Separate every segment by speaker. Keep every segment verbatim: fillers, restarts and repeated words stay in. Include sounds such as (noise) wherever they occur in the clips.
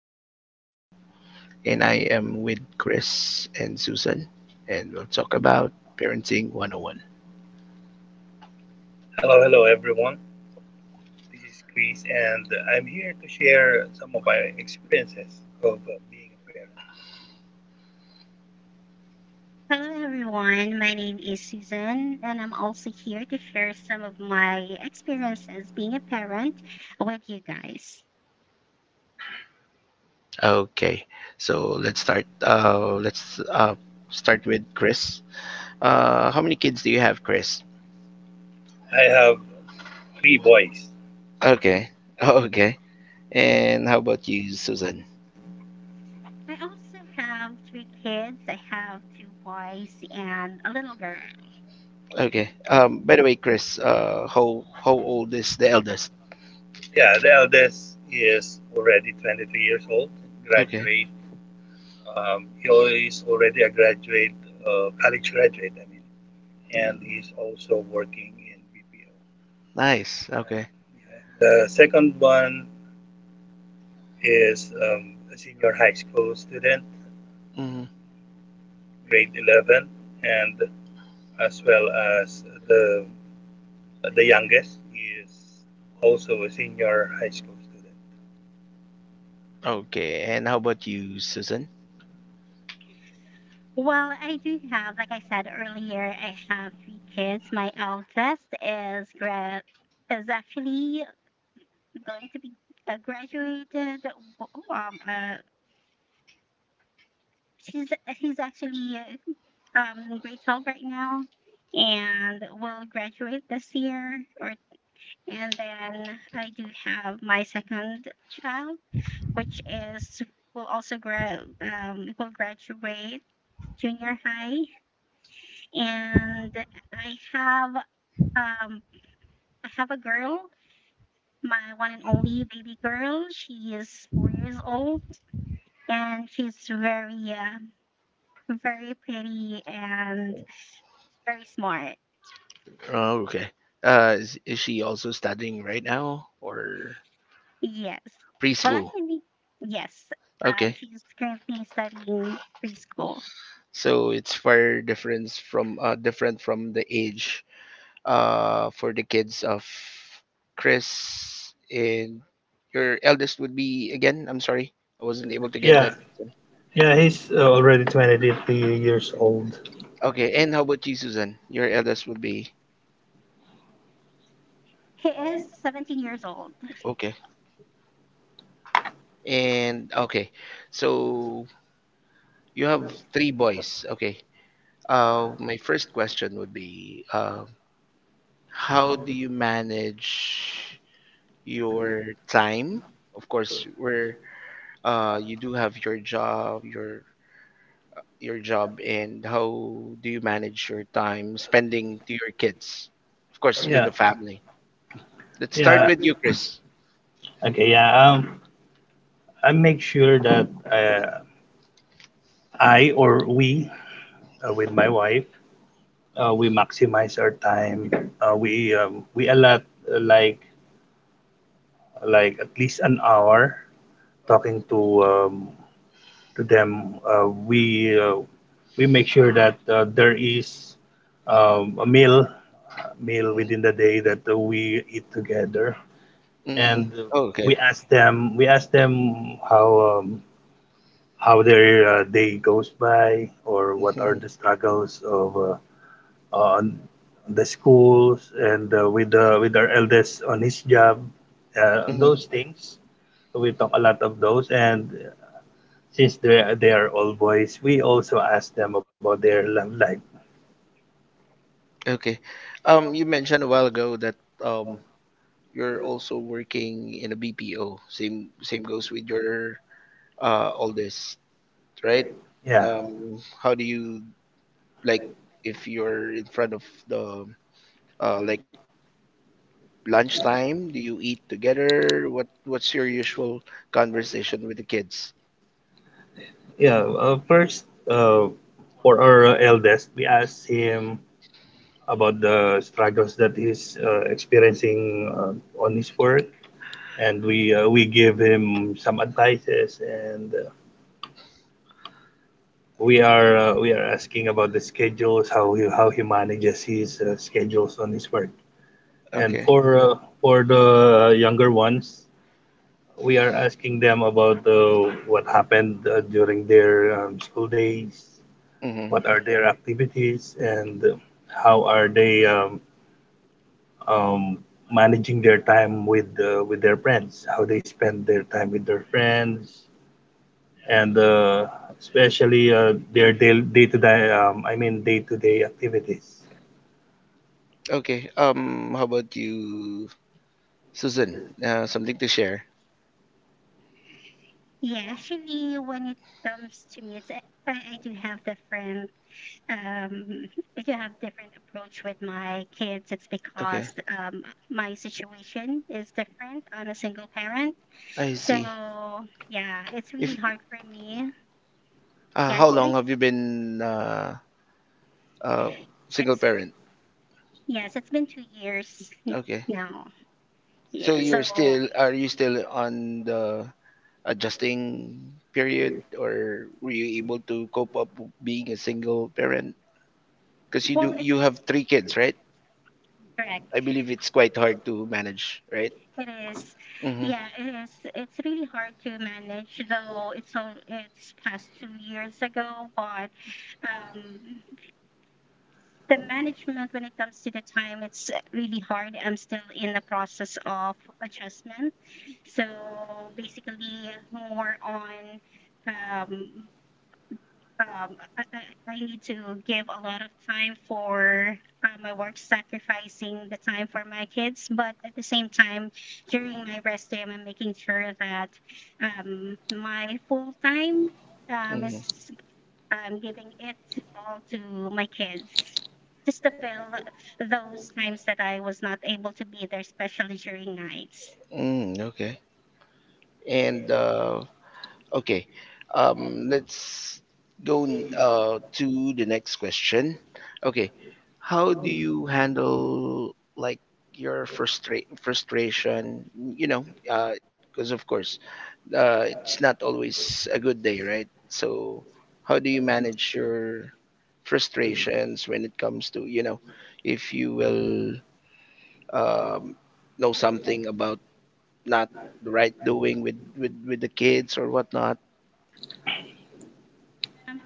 Speaker 1: this is Paul, and I am with Chris and Susan, and we'll talk about Parenting one oh one.
Speaker 2: Hello, hello everyone. This is Chris, and I'm here to share some of my experiences of uh, being a parent.
Speaker 3: Hello, everyone. My name is Susan, and I'm also here to share some of my experiences being a parent with you guys.
Speaker 1: Okay, so let's start. Uh, let's uh, start with Chris. Uh, how many kids do you have, Chris?
Speaker 2: I have three boys.
Speaker 1: Okay, (laughs) okay. And how about you, Susan?
Speaker 3: I also have three kids. I have two boys and a little girl.
Speaker 1: Okay. Um, by the way, Chris, uh, how how old is the eldest?
Speaker 2: Yeah, the eldest is already twenty-three years old,
Speaker 1: Okay.
Speaker 2: graduate. Um, he is already a graduate, uh, college graduate, I mean, and
Speaker 1: Mm.
Speaker 2: he's also working in B P O.
Speaker 1: Nice.
Speaker 2: And
Speaker 1: Okay.
Speaker 2: yeah, the second one is um, a senior high school student,
Speaker 1: Hmm.
Speaker 2: grade eleven, and as well as the the youngest. He is also a senior high school student.
Speaker 1: Okay. And how about you, Susan?
Speaker 3: Well, I do have, like I said earlier, I have three kids. My eldest is grad is actually going to be uh, graduated um, uh, She's she's actually uh, um in grade twelve right now and will graduate this year, or and then I do have my second child which is will also gra- um will graduate junior high. And I have um I have a girl, my one and only baby girl. She is four years old, and she's very uh, very pretty and very smart.
Speaker 1: Oh, okay. Uh, is, is she also studying right now or
Speaker 3: Yes. Well,
Speaker 1: preschool?
Speaker 3: actually, yes. Um,
Speaker 1: Okay.
Speaker 3: she's currently studying preschool.
Speaker 1: So it's far difference from uh, different from the age uh, for the kids of Chris, and your eldest would be again. I'm sorry, I wasn't able to get Yeah.
Speaker 2: Yeah,
Speaker 1: that.
Speaker 2: yeah, he's already twenty-three years old.
Speaker 1: Okay, and how about you, Susan? Your eldest would be
Speaker 3: He is seventeen years old.
Speaker 1: okay. And okay, so you have three boys. Okay. Uh, my first question would be, uh, how do you manage your time? Of course, where uh, you do have your job, your your job, and how do you manage your time spending to your kids? Of course, with
Speaker 2: Yeah,
Speaker 1: the family. Let's start
Speaker 2: yeah.
Speaker 1: with you, Chris.
Speaker 2: Okay, yeah. Um, I make sure that uh, I, we, uh, with my wife, uh, we maximize our time. Uh, we um, we allot uh, like like at least an hour talking to um, to them. Uh, we uh, we make sure that uh, there is um, a meal meal within the day that uh, we eat together,
Speaker 1: Mm-hmm.
Speaker 2: and uh,
Speaker 1: Oh,
Speaker 2: we
Speaker 1: okay.
Speaker 2: ask them we ask them how um, how their uh, day goes by, or what are
Speaker 1: Hmm.
Speaker 2: the struggles of uh, on the schools, and uh, with uh, with our eldest on his job, uh,
Speaker 1: Hmm.
Speaker 2: those things. We talk a lot of those, and since they they are all boys, we also ask them about their love life.
Speaker 1: Okay. Um, you mentioned a while ago that um you're also working in a B P O. Same same goes with your uh oldest, right?
Speaker 2: Yeah
Speaker 1: Um, how do you, like if you're in front of the uh, like lunchtime? Do you eat together? What What's your usual conversation with the kids?
Speaker 2: Yeah, uh, first, uh, for our eldest, we asked him about the struggles that he's uh, experiencing uh, on his work, and we uh, we give him some advices, and uh, we are uh, we are asking about the schedules, how he how he manages his uh, schedules on his work, and
Speaker 1: Okay.
Speaker 2: for uh, for the younger ones, we are asking them about uh, what happened uh, during their um, school days,
Speaker 1: Mm-hmm.
Speaker 2: what are their activities, and how are they um, um, managing their time with uh, with their friends, how they spend their time with their friends, and uh, especially uh, their day to day um, i mean day to day activities.
Speaker 1: Okay. Um, how about you, Susan? Uh, something to share?
Speaker 3: Yeah, actually, when it comes to me, it's, I, I do have different, um, I do have different approach with my kids. It's
Speaker 1: Okay,
Speaker 3: because um, my situation is different. I'm a single parent.
Speaker 1: I
Speaker 3: So
Speaker 1: see.
Speaker 3: yeah, it's really
Speaker 1: If
Speaker 3: hard for me.
Speaker 1: uh,
Speaker 3: Yeah,
Speaker 1: how
Speaker 3: it's
Speaker 1: long
Speaker 3: re-
Speaker 1: have you been uh, uh single
Speaker 3: it's
Speaker 1: parent?
Speaker 3: yes, it's been two years (laughs)
Speaker 1: Okay.
Speaker 3: now.
Speaker 1: So
Speaker 3: Yeah,
Speaker 1: you're
Speaker 3: so
Speaker 1: still, are you still on the adjusting period, or were you able to cope up w- being a single parent? Because you
Speaker 3: well,
Speaker 1: do you
Speaker 3: that's
Speaker 1: have three kids, right?
Speaker 3: correct.
Speaker 1: I believe it's quite hard to manage, right?
Speaker 3: It is.
Speaker 1: Mm-hmm.
Speaker 3: Yeah, it is. It's really hard to manage, though. It's all. It's past two years ago, but um, the management when it comes to the time, it's really hard. I'm still in the process of adjustment. So basically, more on um, um I, I I need to give a lot of time for uh, my work, sacrificing the time for my kids, but at the same time, during my rest day, I'm making sure that um my full time um
Speaker 1: Mm-hmm.
Speaker 3: is um giving it all to my kids, just to fill those times that I was not able to be there, especially during nights.
Speaker 1: Mm, okay. And uh, okay, um, let's go n- uh, to the next question. Okay, how do you handle, like, your frustra frustration? You know, because of course uh, it's not always a good day, right? So how do you manage your frustrations when it comes to, you know, if you will um, know something about not the right doing with, with, with the kids or whatnot?
Speaker 3: Um,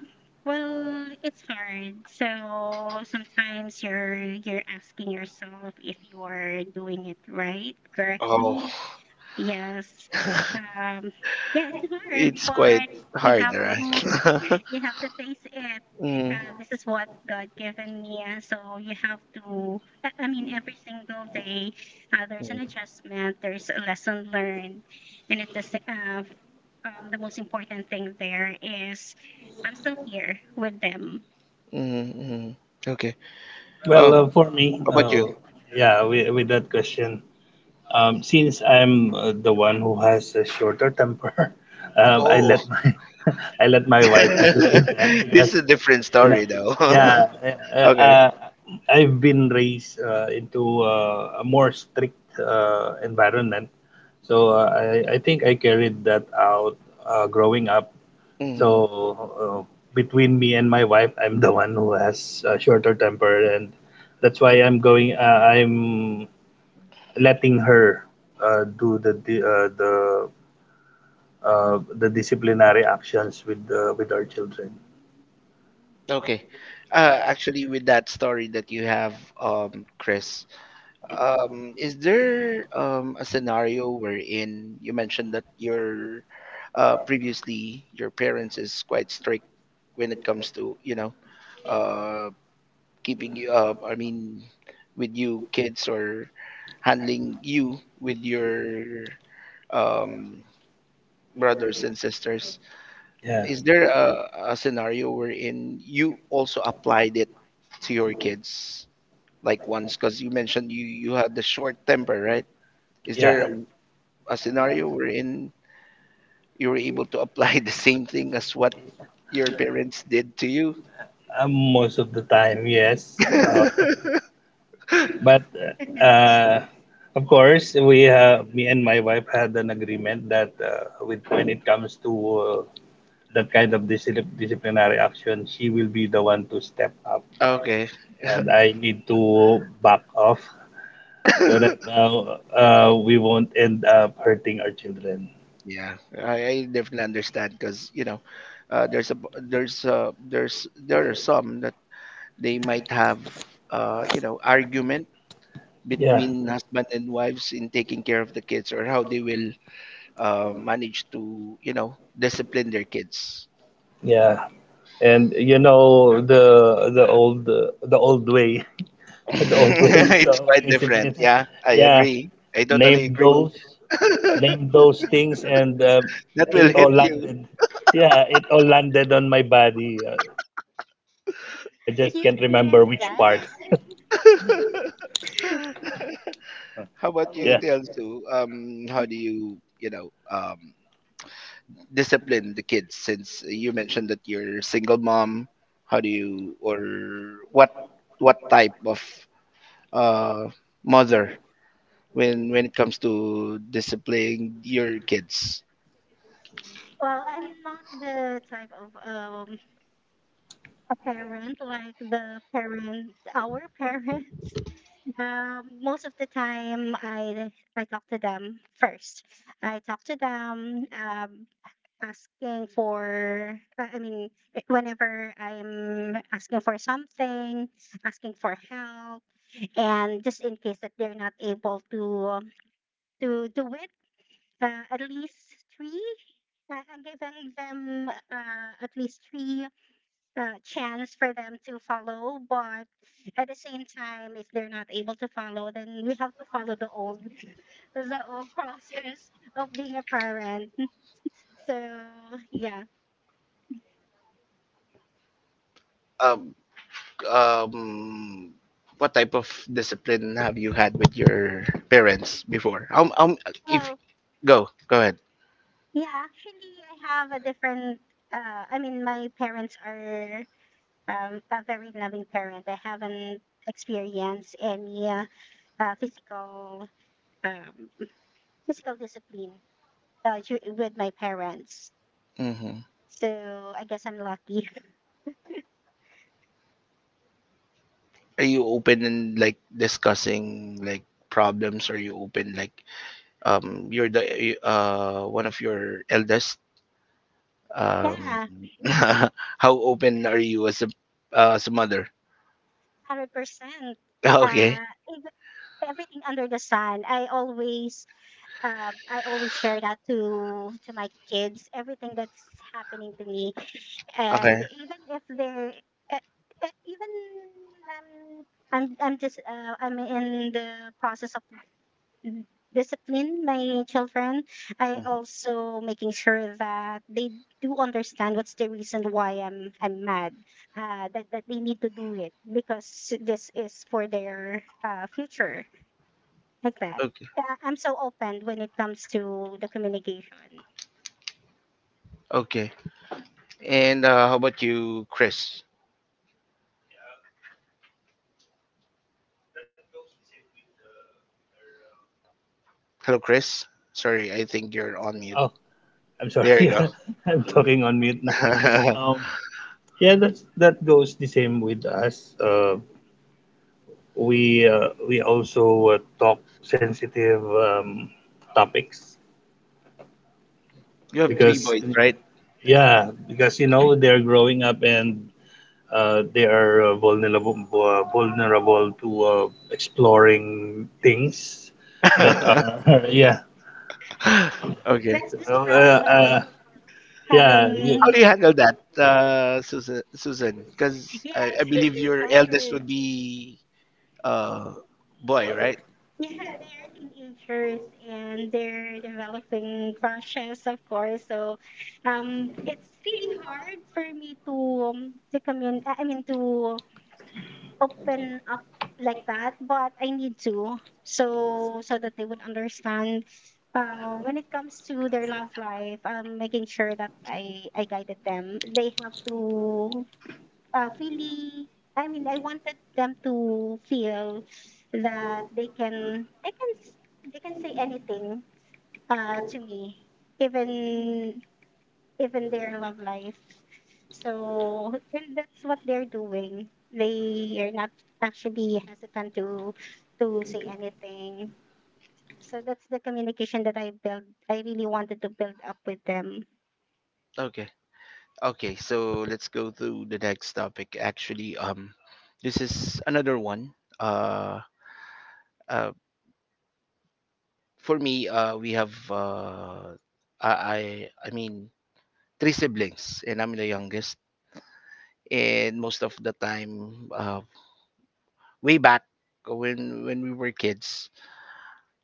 Speaker 3: well, it's hard. So sometimes you're you're asking yourself if you are doing it right,
Speaker 1: Oh,
Speaker 3: correctly. Yes.
Speaker 1: (laughs)
Speaker 3: Um, yeah, it's hard,
Speaker 1: it's quite
Speaker 3: but you
Speaker 1: hard,
Speaker 3: have to
Speaker 1: right?
Speaker 3: (laughs)
Speaker 1: (laughs)
Speaker 3: you have to face it.
Speaker 1: mm.
Speaker 3: Uh, this is what God given me, and so you have to. I I mean, every single day, uh, there's an
Speaker 1: Mm.
Speaker 3: adjustment, there's a lesson learned, and it's the sa- uh, um, the most important thing there is I'm still here with them.
Speaker 1: Mm. Okay.
Speaker 2: Well
Speaker 1: Um,
Speaker 2: uh, for me
Speaker 1: how about
Speaker 2: uh,
Speaker 1: you?
Speaker 2: Yeah, with, with that question, Um, since I'm uh, the one who has a shorter temper, (laughs) um, I
Speaker 1: Oh,
Speaker 2: let my (laughs) I let my wife deal with them,
Speaker 1: (laughs) this is a
Speaker 2: because
Speaker 1: different
Speaker 2: you know,
Speaker 1: story, though.
Speaker 2: yeah, uh, uh,
Speaker 1: (laughs)
Speaker 2: uh, I've been raised uh, into uh, a more strict uh, environment, so uh, I I think I carried that out uh, growing up.
Speaker 1: okay.
Speaker 2: So uh, between me and my wife, I'm the one who has a shorter temper, and that's why I'm going. Uh, I'm letting her uh, do the uh, the uh, the disciplinary actions with uh, with our children.
Speaker 1: Okay. Uh, actually, with that story that you have, um, Chris, um, is there um, a scenario wherein you mentioned that your uh, previously your parents is quite strict when it comes to, you know, uh, keeping you, uh, I mean, with you kids or handling you with your um, brothers and sisters.
Speaker 2: Yeah,
Speaker 1: Is there a, a scenario wherein you also applied it to your kids? Like once? Because you mentioned you you had the short temper, right? Is there
Speaker 2: yeah.
Speaker 1: a, a scenario wherein you were able to apply (laughs) the same thing as what your parents did to you?
Speaker 2: Um, most of the time, yes. Uh,
Speaker 1: (laughs)
Speaker 2: but uh, of course, we uh, me and my wife had an agreement that uh, with when it comes to uh, that kind of discipl- disciplinary action, she will be the one to step up,
Speaker 1: Okay.
Speaker 2: and I need to back off so that uh, uh, we won't end up hurting our children.
Speaker 1: Yeah, I, I definitely understand because, you know, uh, there's a b- there's uh there's there are some that they might have uh you know argument
Speaker 2: Yeah,
Speaker 1: between husband and wives in taking care of the kids or how they will uh manage to, you know, discipline their kids.
Speaker 2: yeah, and you know the the old the old way,
Speaker 1: (laughs)
Speaker 2: (laughs) the old ways
Speaker 1: it's
Speaker 2: of
Speaker 1: quite different.
Speaker 2: discipline.
Speaker 1: Yeah, I
Speaker 2: Yeah,
Speaker 1: agree. I totally
Speaker 2: name
Speaker 1: agree.
Speaker 2: those,
Speaker 1: (laughs)
Speaker 2: name those things, and uh,
Speaker 1: That will
Speaker 2: it
Speaker 1: hit
Speaker 2: all
Speaker 1: you.
Speaker 2: landed. Yeah, it all landed on my body. Uh, I
Speaker 3: (laughs)
Speaker 2: just
Speaker 3: You
Speaker 2: can't remember
Speaker 3: experienced
Speaker 2: which
Speaker 3: that?
Speaker 2: part. (laughs)
Speaker 1: (laughs) how about you,
Speaker 2: yeah.
Speaker 1: Tiansu? Um, how do you, you know, um, discipline the kids? Since you mentioned that you're a single mom, how do you, or what, what type of uh, mother when when it comes to disciplining your kids?
Speaker 3: Well, I'm not the type of um a parent like the parents our parents (laughs) um, most of the time, i i talk to them first. I talk to them, um, asking for uh, i mean i- whenever I'm asking for something, asking for help. And just in case that they're not able to um, to do it, uh, at least three I- I'm giving them uh, at least three uh, chance for them to follow. But at the same time, if they're not able to follow, then we have to follow the old (laughs) the old process of being a parent. (laughs) So yeah,
Speaker 1: Um, um what type of discipline have you had with your parents before? Um, um if
Speaker 3: well
Speaker 1: go go ahead.
Speaker 3: yeah, actually, I have a different. Uh, I mean, my parents are um, a very loving parent. I haven't experienced any uh, uh, physical um, physical discipline uh, dur- with my parents.
Speaker 1: Mm-hmm.
Speaker 3: So I guess I'm lucky.
Speaker 1: Are you open in like discussing like problems? Are you open, like, um you're the uh one of your eldest?
Speaker 3: (laughs)
Speaker 1: Um,
Speaker 3: Yeah.
Speaker 1: (laughs) how open are you as a uh, as a mother? (laughs)
Speaker 3: a hundred percent.
Speaker 1: Okay,
Speaker 3: Uh, ev- Everything under the sun. I always, uh, I always share that to to my kids. Everything that's happening to me, and
Speaker 1: okay.
Speaker 3: even if they're, uh, uh, even um, I'm I'm just uh, I'm in the process of d- discipline my children. I
Speaker 1: Hmm.
Speaker 3: also making sure that they do understand what's the reason why I'm I'm mad. Uh, that that they need to do it because this is for their uh, future. Like that.
Speaker 1: Okay,
Speaker 3: Uh, I'm so open when it comes to the communication.
Speaker 1: okay. And uh, how about you, Chris? Hello, Chris. Sorry, I think you're on mute.
Speaker 2: Oh, I'm sorry. (laughs)
Speaker 1: There you go.
Speaker 2: Yeah, I'm talking on mute now.
Speaker 1: (laughs)
Speaker 2: Um, yeah, that's that goes the same with us. Uh, we uh, we also uh, talk sensitive um, topics,
Speaker 1: you have three
Speaker 2: because
Speaker 1: boys, right?
Speaker 2: yeah, because you know they're growing up, and uh, they are uh, vulnerable uh, vulnerable to uh, exploring things that
Speaker 1: (laughs)
Speaker 2: are (laughs) yeah.
Speaker 1: okay.
Speaker 3: That's the
Speaker 2: uh,
Speaker 3: struggle of
Speaker 2: uh, yeah.
Speaker 1: How
Speaker 3: having.
Speaker 1: do you
Speaker 3: (laughs)
Speaker 1: handle that, uh, Susan? Susan, because
Speaker 3: Yeah,
Speaker 1: I, I
Speaker 3: it's
Speaker 1: believe
Speaker 3: really
Speaker 1: your eldest
Speaker 3: hard.
Speaker 1: would be uh boy, right?
Speaker 3: Yeah, they're teenagers and they're developing crushes, of course. So, um, it's really hard for me to um, to commun- I mean to open up like that, but I need to, so so that they would understand. Uh, when it comes to their love life, um, making sure that I I guided them. They have to uh, really I mean I wanted them to feel that they can they can s- they can say anything uh to me, even even their love life. So (laughs) and that's what they're doing. They are not actually hesitant to to say anything. So that's the communication that I built. I really wanted to build up with them.
Speaker 1: Okay. Okay. So let's go to the next topic. Actually, um, this is another one. Uh, uh, for me, uh, we have uh, I I I mean three siblings, and I'm the youngest. And most of the time, uh, way back when when we were kids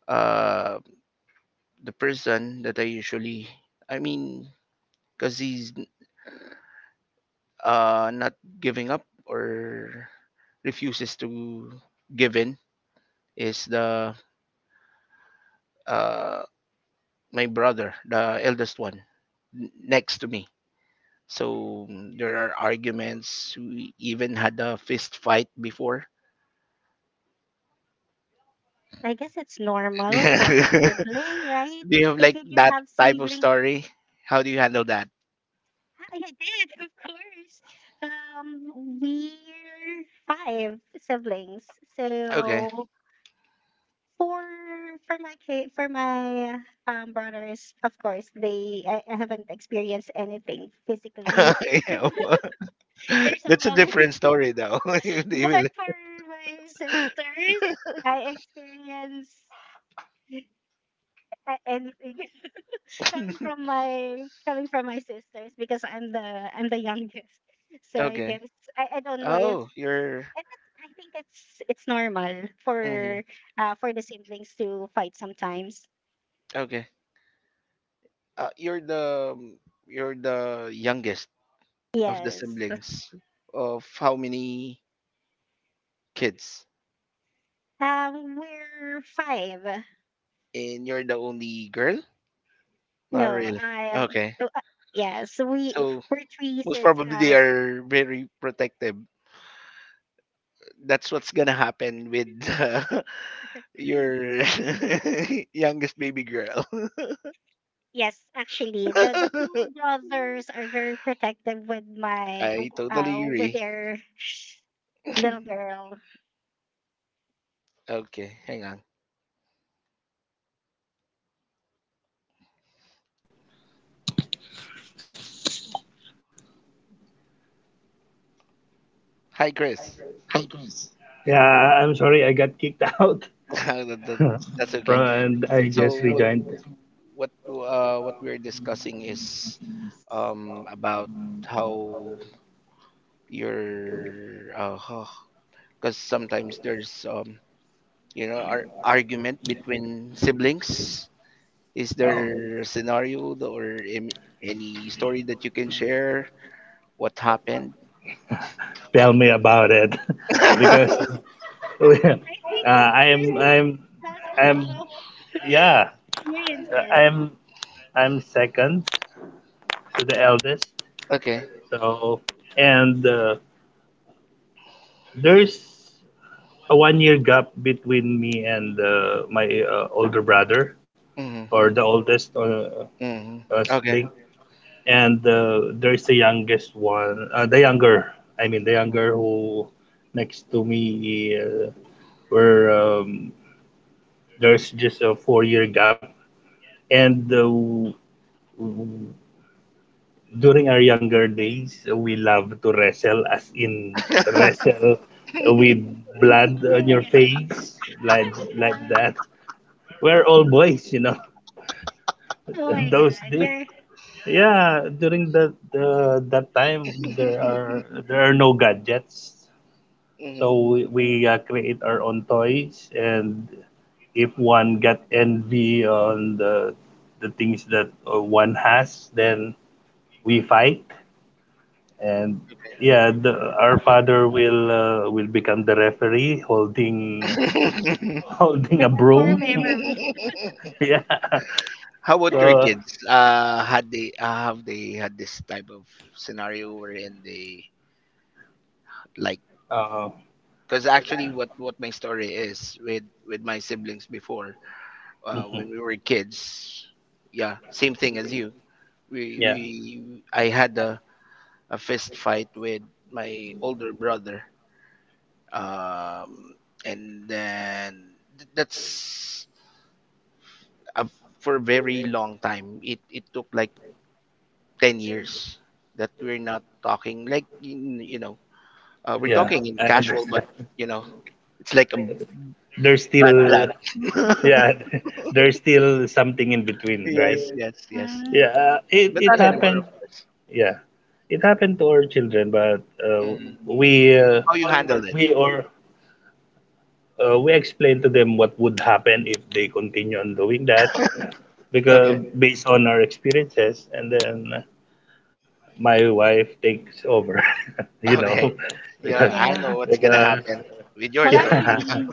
Speaker 1: uh the person that I usually i mean because he's uh not giving up or refuses to give in is the uh my brother, the eldest one n- next to me. So mm, there are arguments, we even had a fist fight before.
Speaker 3: I guess it's
Speaker 1: (laughs)
Speaker 3: normal for a
Speaker 1: do
Speaker 3: sibling, right,
Speaker 1: you have
Speaker 3: if
Speaker 1: like
Speaker 3: you do
Speaker 1: that
Speaker 3: have
Speaker 1: type of
Speaker 3: sibling.
Speaker 1: story? How do you handle that?
Speaker 3: I did, of course. Um, we're five siblings.
Speaker 1: Okay.
Speaker 3: So for for my ki- for my um brothers, of course, they I, I haven't experienced anything physically.
Speaker 1: (laughs)
Speaker 3: (laughs)
Speaker 1: yeah. Well,
Speaker 3: There's
Speaker 1: (laughs)
Speaker 3: a
Speaker 1: that's a different
Speaker 3: loving. (laughs)
Speaker 1: story, though. (laughs) If they will-
Speaker 3: But for my sisters, I experienced a- anything (laughs) coming
Speaker 1: (laughs)
Speaker 3: from my coming from my sisters because I'm the I'm the youngest. So I
Speaker 1: okay.
Speaker 3: guess I, I don't know if
Speaker 1: Oh, you're.
Speaker 3: And that's, I think it's it's normal
Speaker 1: Mhm.
Speaker 3: for uh, for the siblings to fight sometimes.
Speaker 1: Okay. Uh, you're the um, you're the youngest of the
Speaker 3: Yes.
Speaker 1: siblings of how many kids?
Speaker 3: Um, we're five.
Speaker 1: And you're the only girl? Not
Speaker 3: No,
Speaker 1: really.
Speaker 3: I am.
Speaker 1: Okay.
Speaker 3: oh, uh, yes, we
Speaker 1: So
Speaker 3: we're three.
Speaker 1: most
Speaker 3: Sis-
Speaker 1: probably they
Speaker 3: Uh,
Speaker 1: are very protective. That's what's gonna happen with uh, (laughs) your (laughs) youngest baby girl.
Speaker 3: yes, actually, the the two
Speaker 1: (laughs)
Speaker 3: brothers are very protective with my
Speaker 1: I totally
Speaker 3: uh with
Speaker 1: agree.
Speaker 3: their little girl.
Speaker 1: Okay, hang on. Hi, Chris.
Speaker 2: Yeah, I- I'm sorry, I got kicked (laughs) out,
Speaker 1: (laughs) That- that-
Speaker 2: from,
Speaker 1: That's okay.
Speaker 2: and I just
Speaker 1: So what
Speaker 2: rejoined.
Speaker 1: what uh, what we're discussing is um, about how your uh, because sometimes there's um, you know ar argument between siblings. Is
Speaker 2: Oh,
Speaker 1: there a scenario th- or am- any story that you can share? What happened?
Speaker 2: tell me about it, (laughs) because
Speaker 1: (laughs)
Speaker 2: (laughs)
Speaker 3: I
Speaker 2: uh,
Speaker 3: think Chris
Speaker 2: I'm I'm
Speaker 3: has a lot
Speaker 2: I'm
Speaker 3: of (laughs)
Speaker 2: yeah,
Speaker 3: experiences.
Speaker 2: I'm I'm second to the eldest.
Speaker 1: Okay.
Speaker 2: So and uh, there's a one year gap between me and uh, my uh, older brother
Speaker 1: Hmm.
Speaker 2: or the oldest, uh,
Speaker 1: Hmm.
Speaker 2: uh,
Speaker 1: Okay.
Speaker 2: sibling. And uh, there is the youngest one, uh, the younger i mean the younger who next to me, uh, where um, there's just a four year gap. And uh, w- w- during our younger days, we love to wrestle, as in
Speaker 1: (laughs)
Speaker 2: wrestle, with blood
Speaker 3: Oh
Speaker 2: on
Speaker 3: my
Speaker 2: your
Speaker 3: god! (laughs)
Speaker 2: face,
Speaker 3: Oh
Speaker 2: like like
Speaker 3: my god!
Speaker 2: that. We're all boys, you know.
Speaker 3: Oh my
Speaker 2: (laughs) Those
Speaker 3: god,
Speaker 2: days.
Speaker 3: you're
Speaker 2: Yeah, during that the that time, there are there are no gadgets, so
Speaker 1: Mhm.
Speaker 2: we, we uh, create our own toys. And if one got envy on the the things that uh, one has, then we fight. And yeah, the, our father will uh, will become the referee, holding (laughs)
Speaker 1: (laughs)
Speaker 2: holding a
Speaker 3: That's core
Speaker 2: broom.
Speaker 3: memory. (laughs)
Speaker 2: (laughs) Yeah.
Speaker 1: How about your
Speaker 2: So
Speaker 1: kids? Uh, had they uh, have they had this type of scenario wherein they like?
Speaker 2: uh,
Speaker 1: Because actually, what what my story is with with my siblings before, uh,
Speaker 2: mhm.
Speaker 1: when we were kids, yeah, same thing as you. We
Speaker 2: Yeah,
Speaker 1: we I had a a fist fight with my older brother, um, and then th- that's a, for a very long time. It it took like ten years that we're not talking like, you, you know, uh, we're
Speaker 2: yeah,
Speaker 1: talking in
Speaker 2: I
Speaker 1: casual, but,
Speaker 2: understand.
Speaker 1: you know, it's like a
Speaker 2: There's
Speaker 1: bad
Speaker 2: still,
Speaker 1: blood. (laughs)
Speaker 2: yeah, (laughs) there's still something in between,
Speaker 1: yes,
Speaker 2: right?
Speaker 1: yes, yes,
Speaker 3: Mm,
Speaker 2: Yeah, uh, it
Speaker 1: but
Speaker 2: it
Speaker 1: not anymore,
Speaker 2: happened.
Speaker 1: of course.
Speaker 2: Yeah, it happened to our children, but uh,
Speaker 1: Mm.
Speaker 2: we uh,
Speaker 1: How you handled it?
Speaker 2: we or uh, we explained to them what would happen if they continue on doing that,
Speaker 1: Okay.
Speaker 2: because based on our experiences. And then my wife takes over, (laughs) you
Speaker 1: (laughs) okay,
Speaker 2: know, (laughs)
Speaker 1: yeah,
Speaker 2: because
Speaker 1: I
Speaker 3: yeah.
Speaker 1: know what's gonna
Speaker 2: because
Speaker 1: happen with your
Speaker 3: Well,
Speaker 1: story.
Speaker 2: yeah.
Speaker 1: (laughs)
Speaker 3: actually,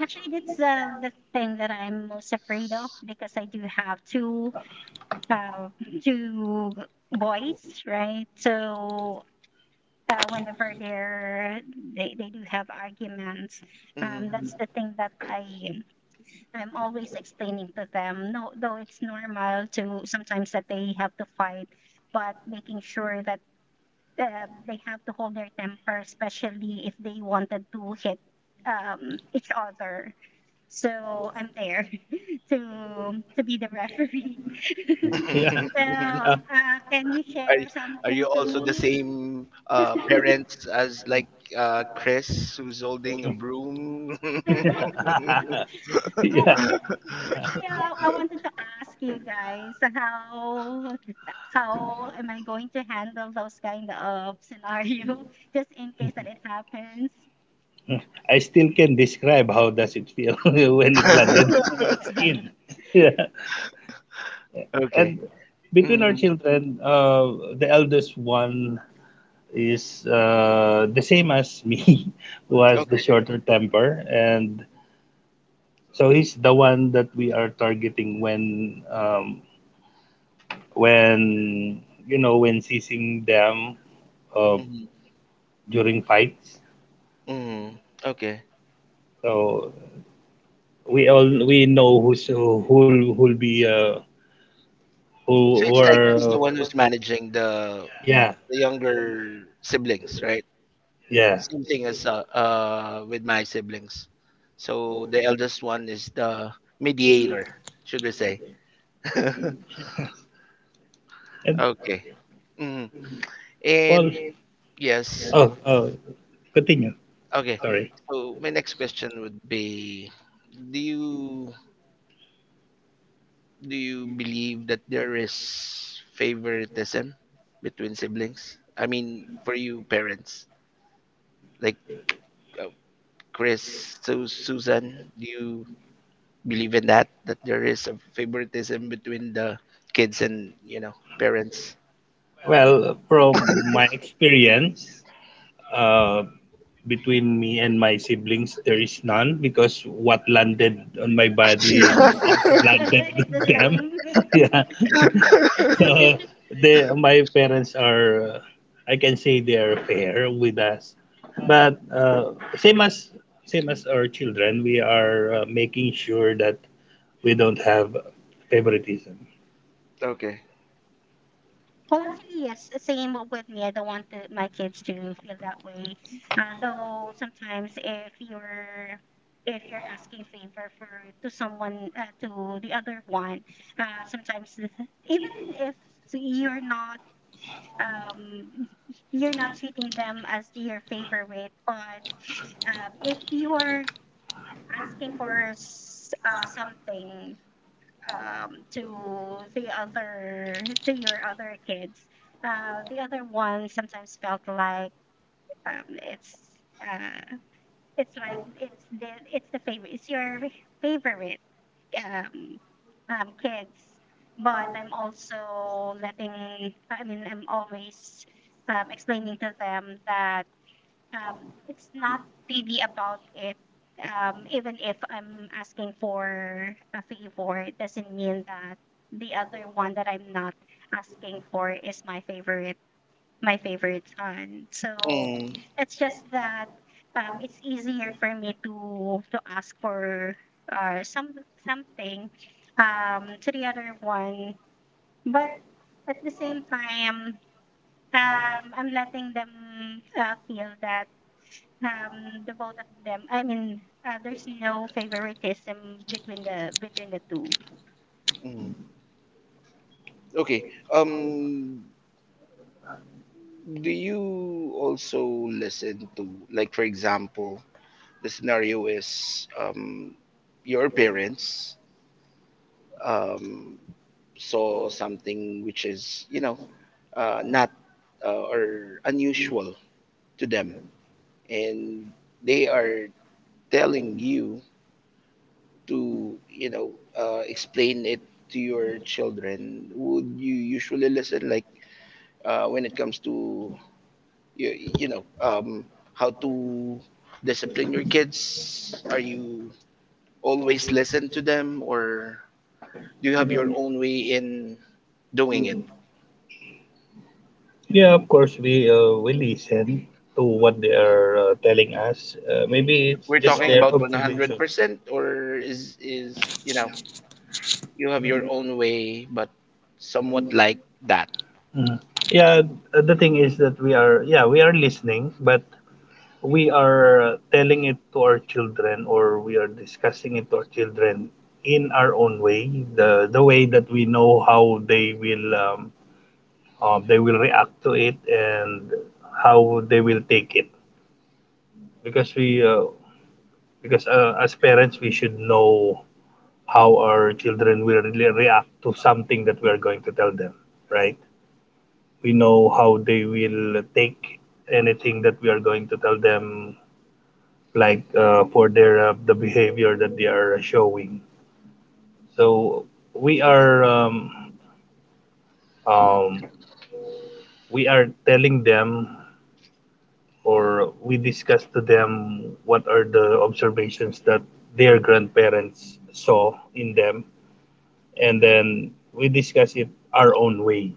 Speaker 3: actually, that's uh, the thing that I'm most afraid of, because I do have two uh, two boys, right? So uh, whenever they're they, they do have arguments, um,
Speaker 1: Mhm.
Speaker 3: that's the thing that I I'm always explaining to them. No, though it's normal to sometimes that they have to fight, but making sure that uh, they have to hold their temper, especially if they wanted to hit um, each other. So I'm there (laughs) to to be the referee. (laughs)
Speaker 1: (laughs)
Speaker 2: (laughs)
Speaker 1: are,
Speaker 2: Yeah,
Speaker 3: So
Speaker 2: uh,
Speaker 3: uh, can you share
Speaker 1: are you
Speaker 3: something to
Speaker 1: also the
Speaker 3: me?
Speaker 1: same uh, parents as like uh, Chris, who's holding a broom? (laughs)
Speaker 3: (laughs)
Speaker 2: (laughs)
Speaker 3: And
Speaker 2: yeah.
Speaker 3: uh, actually, uh, I wanted to ask you guys how how am I going to handle those kind of scenario (laughs) just in case that it happens.
Speaker 2: I still can describe how does it feel (laughs) when it landed
Speaker 3: (laughs)
Speaker 2: on your skin. (laughs) Yeah.
Speaker 1: okay.
Speaker 2: And between
Speaker 1: Mm,
Speaker 2: our children, uh, the eldest one is uh, the same as me, (laughs) who has the
Speaker 1: okay.
Speaker 2: shorter temper, and so he's the one that we are targeting when um, when you know, when seizing them uh,
Speaker 1: Mm-hmm.
Speaker 2: during fights.
Speaker 1: Mhm, okay.
Speaker 2: So we all we know who's who, who'll who'll be uh, who
Speaker 1: So
Speaker 2: who
Speaker 1: it's like he's the
Speaker 2: are.
Speaker 1: one who's managing the
Speaker 2: Yeah,
Speaker 1: the younger siblings, right?
Speaker 2: yeah.
Speaker 1: Same thing as uh, uh with my siblings. So the eldest one is the mediator, should we say? (laughs)
Speaker 2: And
Speaker 1: Okay. Mm.
Speaker 2: well,
Speaker 1: And yes.
Speaker 2: oh, oh, continue.
Speaker 1: Okay.
Speaker 2: Sorry.
Speaker 1: So my next question would be, do you do you believe that there is favoritism between siblings? I mean, for you parents, like uh, Chris, so Susan, do you believe in that? That there is a favoritism between the kids and, you know, parents? (laughs)
Speaker 2: Well, from my experience, uh, between me and my siblings, there is none, because what landed on my body also landed
Speaker 3: It's
Speaker 2: (laughs) with
Speaker 3: the
Speaker 2: them.
Speaker 3: same.
Speaker 2: (laughs) Yeah. So
Speaker 3: (laughs)
Speaker 2: they, my parents are, uh, I can say they are fair with us, but uh, same as same as our children, we are uh, making sure that we don't have favoritism.
Speaker 1: Okay.
Speaker 3: Well, actually, yes, the same with me. I don't want the, my kids to feel that way. Uh, though sometimes, if you're if you're asking favor for to someone uh, to the other one, uh, sometimes the- even if you're not um you're not treating them as your favorite, but uh, if you are asking for s- uh, something um to the other to your other kids, uh the other one sometimes felt like um it's uh it's like it's the it's the favorite, it's your favorite um um kids. But I'm also letting I mean I'm always um, explaining to them that um, it's not really about it. Um, even if I'm asking for a favor, it doesn't mean that the other one that I'm not asking for is my favorite, my favorite son. So
Speaker 1: Mm,
Speaker 3: it's just that um, it's easier for me to to ask for uh, some something um, to the other one, but at the same time, um, I'm letting them uh, feel that um, the both of them. I mean, uh, there's no favoritism between the between the two.
Speaker 1: mm. Okay. Um, do you also listen to, like, for example, the scenario is um your parents um saw something which is, you know, uh, not uh, or unusual to them, and they are telling you to, you know, uh, explain it to your children. Would you usually listen like uh, when it comes to, you, you know, um, how to discipline your kids? Are you always listen to them, or do you have your own way in doing it?
Speaker 2: Yeah, of course, we uh, we listen to what they are uh, telling us. Uh, maybe it's
Speaker 1: We're
Speaker 2: just
Speaker 1: talking
Speaker 2: their
Speaker 1: about
Speaker 2: observation.
Speaker 1: one hundred percent, or is is you know, you have your own way, but somewhat like that?
Speaker 2: Mm. Yeah, uh, the thing is that we are, yeah, we are listening, but we are uh, telling it to our children, or we are discussing it to our children in our own way, the the way that we know how they will um, um, they will react to it, and how they will take it. Because we uh, because uh, as parents, we should know how our children will really react to something that we are going to tell them, right? We know how they will take anything that we are going to tell them, like uh, for their uh, the behavior that they are showing. So we are um, um, we are telling them, or we discuss to them what are the observations that their grandparents saw in them, and then we discuss it our own way.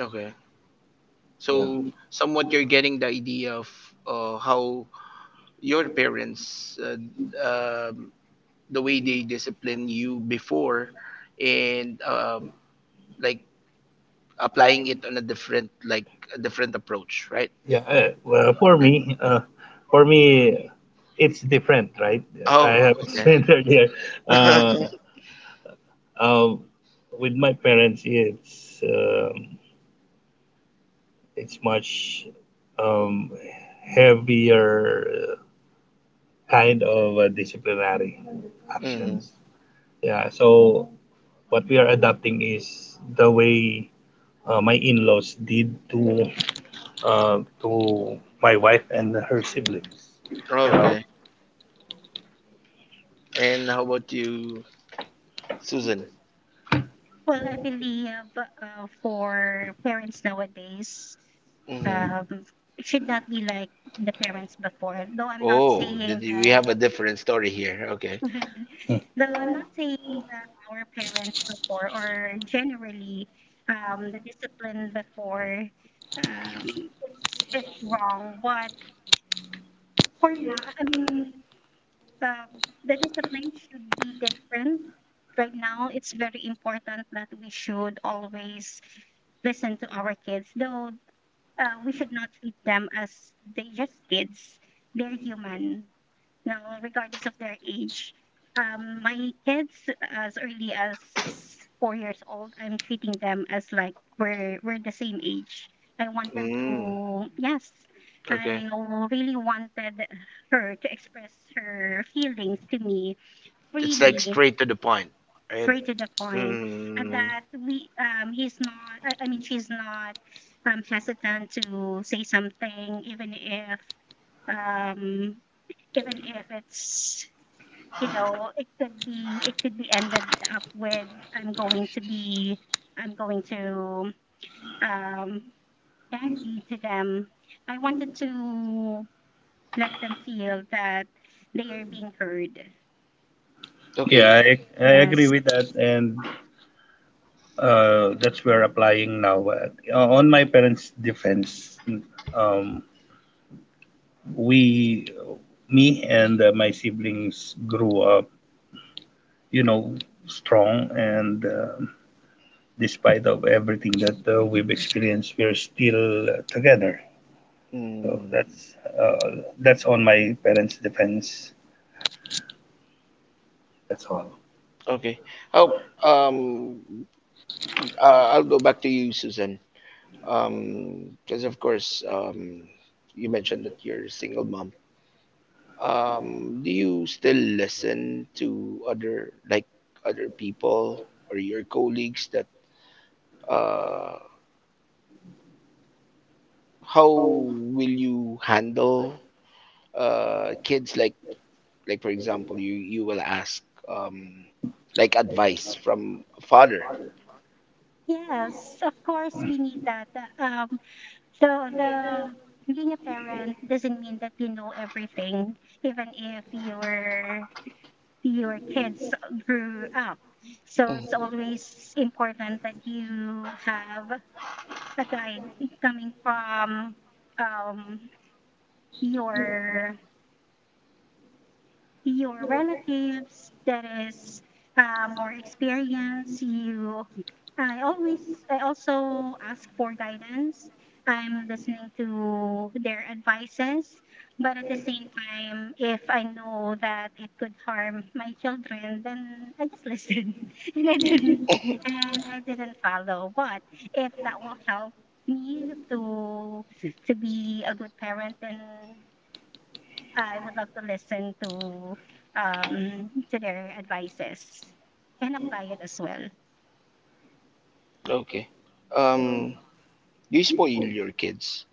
Speaker 1: Okay.
Speaker 2: Yeah,
Speaker 1: So somewhat you're getting the idea of uh, how your parents, uh, um, the way they discipline you before, and um, like applying it on a different like a different approach, right?
Speaker 2: yeah. Uh, well, for
Speaker 1: Okay.
Speaker 2: me, uh, for me, it's different, right? I
Speaker 1: Oh,
Speaker 2: have (laughs)
Speaker 1: okay.
Speaker 2: explained earlier.
Speaker 1: (laughs)
Speaker 2: Uh, uh, with my parents, it's um it's much um, heavier kind of uh, disciplinary
Speaker 1: Mhm.
Speaker 2: actions. Yeah. So what we are adopting is the way uh, my in-laws did to uh, to my wife and her siblings. You know.
Speaker 1: Okay. And how about you, Susan?
Speaker 3: Well, I believe uh, for parents nowadays,
Speaker 1: Hmm.
Speaker 3: um, it should not be like the parents before. Though I'm not
Speaker 1: Oh, did
Speaker 3: saying
Speaker 1: you, we
Speaker 3: that.
Speaker 1: have a different story here? Okay.
Speaker 3: (laughs) Though I'm not saying that our parents before, or generally, um, the discipline before, um, it's it's wrong. But for now, I I mean, um, the discipline should be different. Right now, it's very important that we should always listen to our kids, though uh, we should not treat them as they just kids. They're human. Now, regardless of their age, um, my kids, as early as four years old, I'm treating them as like we're we're the same age. I wanted
Speaker 1: Mm,
Speaker 3: to, yes,
Speaker 1: okay.
Speaker 3: I really wanted her to express her feelings to me
Speaker 1: It's like
Speaker 3: freely,
Speaker 1: straight to the point, right?
Speaker 3: straight to the point, and
Speaker 1: Mm,
Speaker 3: that we, um, he's not, I, I mean, she's not, um, hesitant to say something, even if, um, even if it's you know, it could be it could be ended up with I'm going to be I'm going to um angry to them. I wanted to let them feel that they are being heard.
Speaker 1: okay.
Speaker 2: Yeah, I, I agree
Speaker 3: Yes.
Speaker 2: with that, and uh, that's where applying now. Uh, on my parents' defense, um, we, me and uh, my siblings grew up, you know, strong, and um despite of everything that uh, we've experienced, we're still uh, together. So
Speaker 1: Mm,
Speaker 2: that's uh, that's on my parents' defense. That's all.
Speaker 1: okay. Oh, um, uh, I'll go back to you, Susan. Um, because of course, um, you mentioned that you're a single mom. Um, do you still listen to other, like, other people or your colleagues that uh how will you handle uh kids, like like for example, you you will ask um like advice from a father.
Speaker 3: Yes, of course, we need that. The, um so the Being a parent doesn't mean that you know everything, even if you're your kids grew up. So
Speaker 1: Mm,
Speaker 3: it's always important that you have a guide coming from um, your your relatives that is um, more experience you i always I also ask for guidance. I'm listening to their advices. But at the same time, if I know that it could harm my children, then I just listen (laughs) and i didn't and I didn't follow. But if that will help me to to be a good parent, then I would love to listen to um to their advices and apply it as well.
Speaker 1: (laughs) okay. Um, you spoil your kids.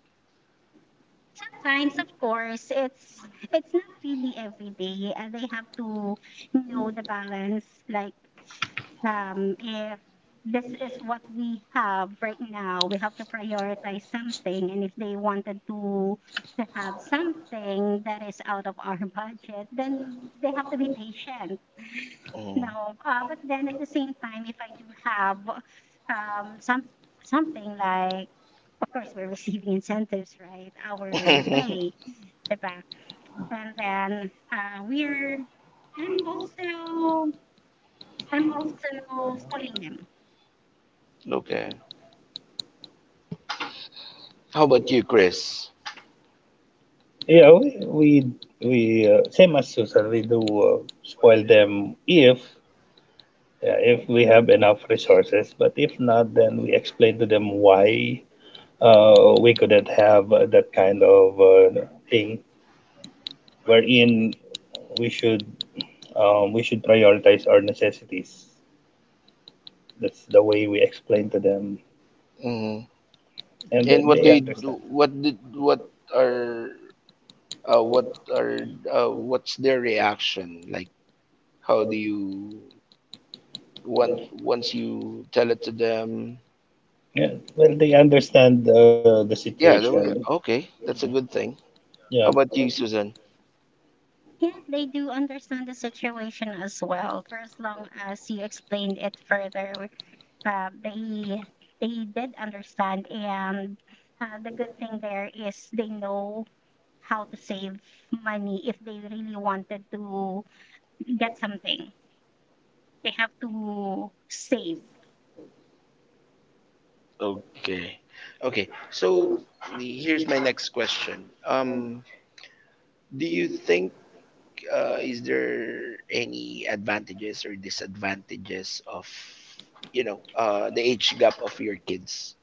Speaker 3: Sometimes, of course, it's it's not really every day, and they have to know the balance. Like, um, if this is what we have right now, we have to prioritize something. And if they wanted to to have something that is out of our budget, then they have to be patient.
Speaker 1: Mm.
Speaker 3: No, uh, but then at the same time, if I do have um some something like, of course, we're (laughs) receiving incentives, right? Our pay,
Speaker 1: (laughs)
Speaker 3: diba? And then uh, we're I'm also I'm also spoiling them.
Speaker 1: okay. How about you, Chris?
Speaker 2: Yeah, we we, we uh, same as Susan, we do uh, spoil them if uh, if we have enough resources. But if not, then we explain to them why uh, we couldn't have uh, that kind of uh, thing, wherein we should um, we should prioritize our necessities. That's the way we explain to them,
Speaker 1: Mm.
Speaker 2: and
Speaker 1: And
Speaker 2: then
Speaker 1: what
Speaker 2: they
Speaker 1: do you do?
Speaker 2: understand.
Speaker 1: What did what are uh, what are uh, what's their reaction? Like, how do you once once you tell it to them?
Speaker 2: Yeah, well, they understand uh, the
Speaker 1: Yeah. There we
Speaker 2: situation.
Speaker 1: go. Okay, that's a good thing.
Speaker 2: Yeah.
Speaker 1: How about you, Susan?
Speaker 3: Yeah, they do understand the situation as well. For as long as you explained it further, uh, they they did understand, and uh, the good thing there is they know how to save money if they really wanted to get something. They have to save.
Speaker 1: Okay. Okay. So here's my next question. Um, do you think uh, is there any advantages or disadvantages of, you know, uh, the age gap of your kids?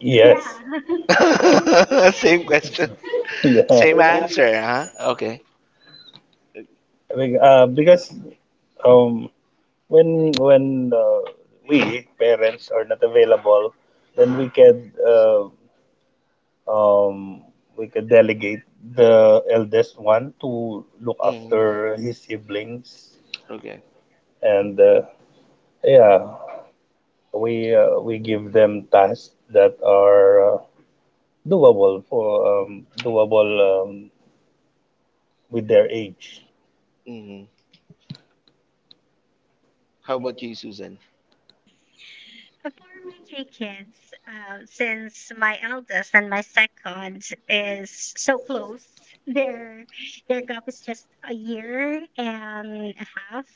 Speaker 2: Yes.
Speaker 3: Yeah. (laughs)
Speaker 1: (laughs) same question,
Speaker 2: (laughs) Yeah.
Speaker 1: same answer, huh? Okay.
Speaker 2: Be- Uh, because um, when when uh, we parents are not available, then we could uh, um, we could delegate the eldest one to look
Speaker 1: Hmm.
Speaker 2: after his siblings,
Speaker 1: Okay.
Speaker 2: and uh, yeah, we uh, we give them tasks that are uh, doable for um, doable um, with their age.
Speaker 1: Hmm. How about you, Susan?
Speaker 3: For my three kids, uh, since my eldest and my second is so close, their their gap is just a year and a half.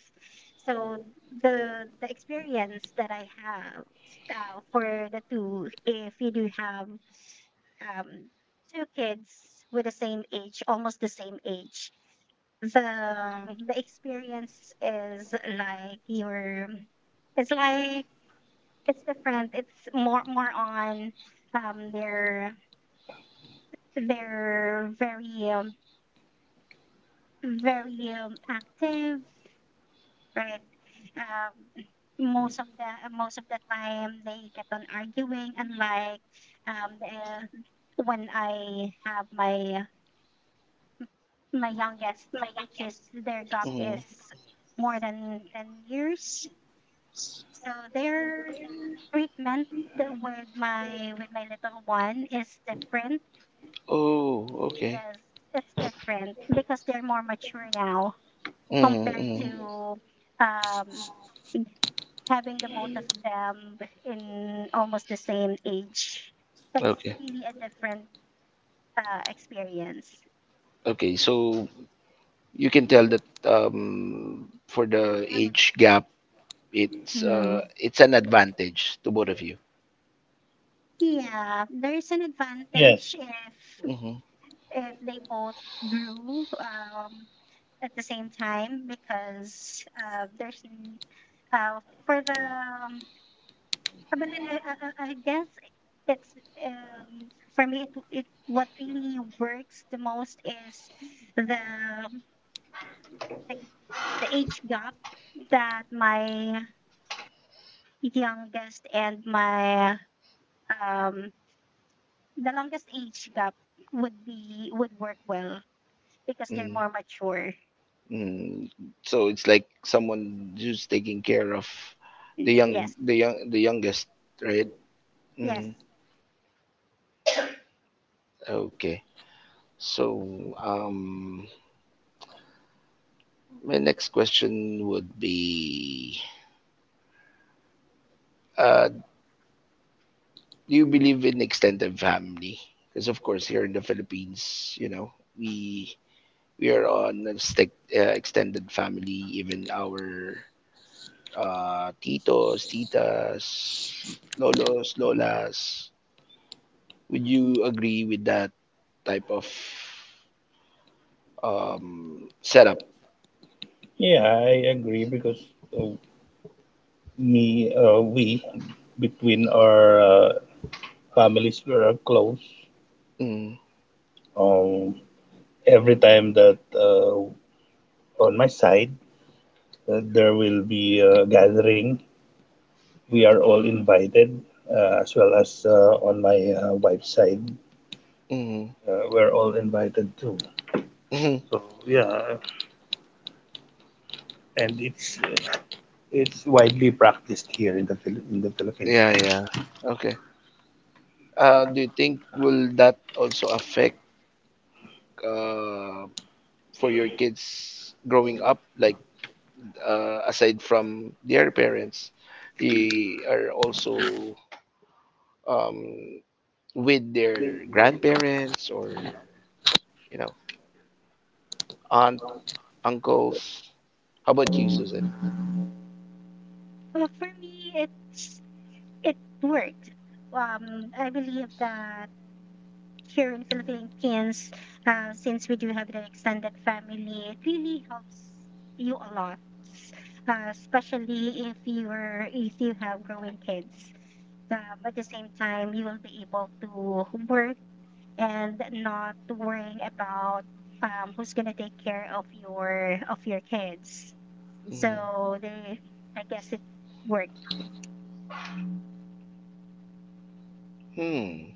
Speaker 3: So the the experience that I have, uh, for the two, if you do have um, two kids with the same age, almost the same age, the the experience is like your it's like it's different. It's more more on um they're they're very um, very um, active, right? um Most of the most of the time they kept on arguing. And like um the, when I have my my youngest, which is their gap
Speaker 1: Hmm.
Speaker 3: is more than ten years. So their treatment with my with my little one is different.
Speaker 1: Oh, okay.
Speaker 3: Yes, it's different because they're more mature now
Speaker 1: Hmm.
Speaker 3: compared
Speaker 1: Hmm.
Speaker 3: to, um, having the both of them in almost the same age. That's
Speaker 1: Okay.
Speaker 3: really a different uh, experience.
Speaker 1: Okay. So you can tell that um, for the
Speaker 3: I would.
Speaker 1: age gap, it's uh,
Speaker 3: Hmm.
Speaker 1: it's an advantage to both of you.
Speaker 3: Yeah, there is an
Speaker 2: Yes,
Speaker 3: advantage if
Speaker 1: Hmm.
Speaker 3: if they both grew, um, at the same time because uh, there's n- uh, for the um, uh, but then I, I, I I guess it's um, for me it, it what really works the most is the the, the age gap that my youngest and my um, the longest age gap would be would work well because they're more mature.
Speaker 1: Mm, so it's like someone who's taking care of the young,
Speaker 3: Yes,
Speaker 1: the young, the youngest, right?
Speaker 3: yes.
Speaker 1: Mm, okay. So, um, my next question would be, uh, do you believe in extended family? Because of course, here in the Philippines, you know, we we are on a stick, uh, extended family. Even our uh, titos, titas, lolos, lolas. Would you agree with that type of um setup?
Speaker 2: yeah, I agree, because uh, me uh, we, between our uh, families, we are close.
Speaker 1: Mm,
Speaker 2: um, every time that uh, on my side uh, there will be a gathering, we are all invited, uh, as well as uh, on my uh, wife's side,
Speaker 1: mm,
Speaker 2: uh, we're all invited too.
Speaker 1: mhm.
Speaker 2: So yeah. And it's uh, it's widely practiced here in the Phil- in the Philippines,
Speaker 1: Yeah,
Speaker 2: right?
Speaker 1: yeah. Okay. Uh, do you think will that also affect uh, for your kids growing up? Like uh, aside from their parents, they are also um, with their grandparents or you know aunt, uncles. How about you, Susan?
Speaker 3: Well, for me, it's it worked. Um, I believe that here in Philippines, uh, since we do have the extended family, it really helps you a lot, uh, especially if you're if you have growing kids. Um, at the same time, you will be able to work and not worrying about um, who's gonna take care of your of your kids.
Speaker 1: Mm.
Speaker 3: So they, I guess it worked.
Speaker 1: Hmm.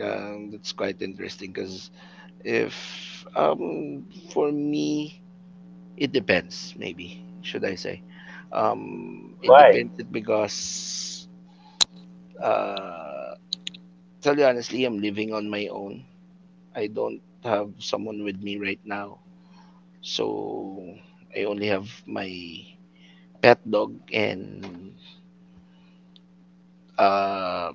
Speaker 1: Um, that's quite interesting because if um for me it depends, maybe should I say. Um it
Speaker 2: Why
Speaker 1: depends it because uh tell you honestly, I'm living on my own. I don't have someone with me right now. So I only have my pet dog and uh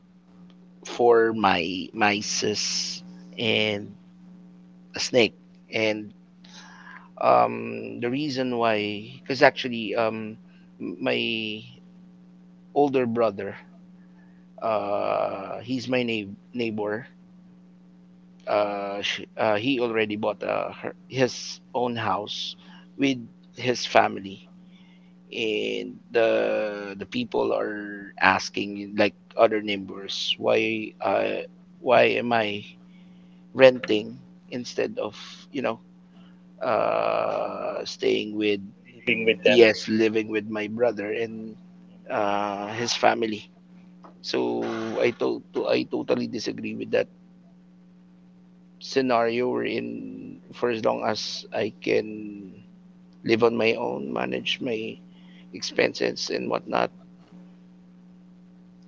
Speaker 1: for my mices and a snake, and Um, the reason why, because actually, um, m- my older brother, uh, he's my neigh- neighbor. Uh, sh- uh, he already bought uh, her- his own house with his family, and the the people are asking, like other neighbors, why uh, why am I renting instead of you know uh, staying with,
Speaker 2: living with them?
Speaker 1: yes, living with my brother and uh, his family. So I to, to I totally disagree with that scenario we're in, for as long as I can live on my own, manage my expenses and whatnot,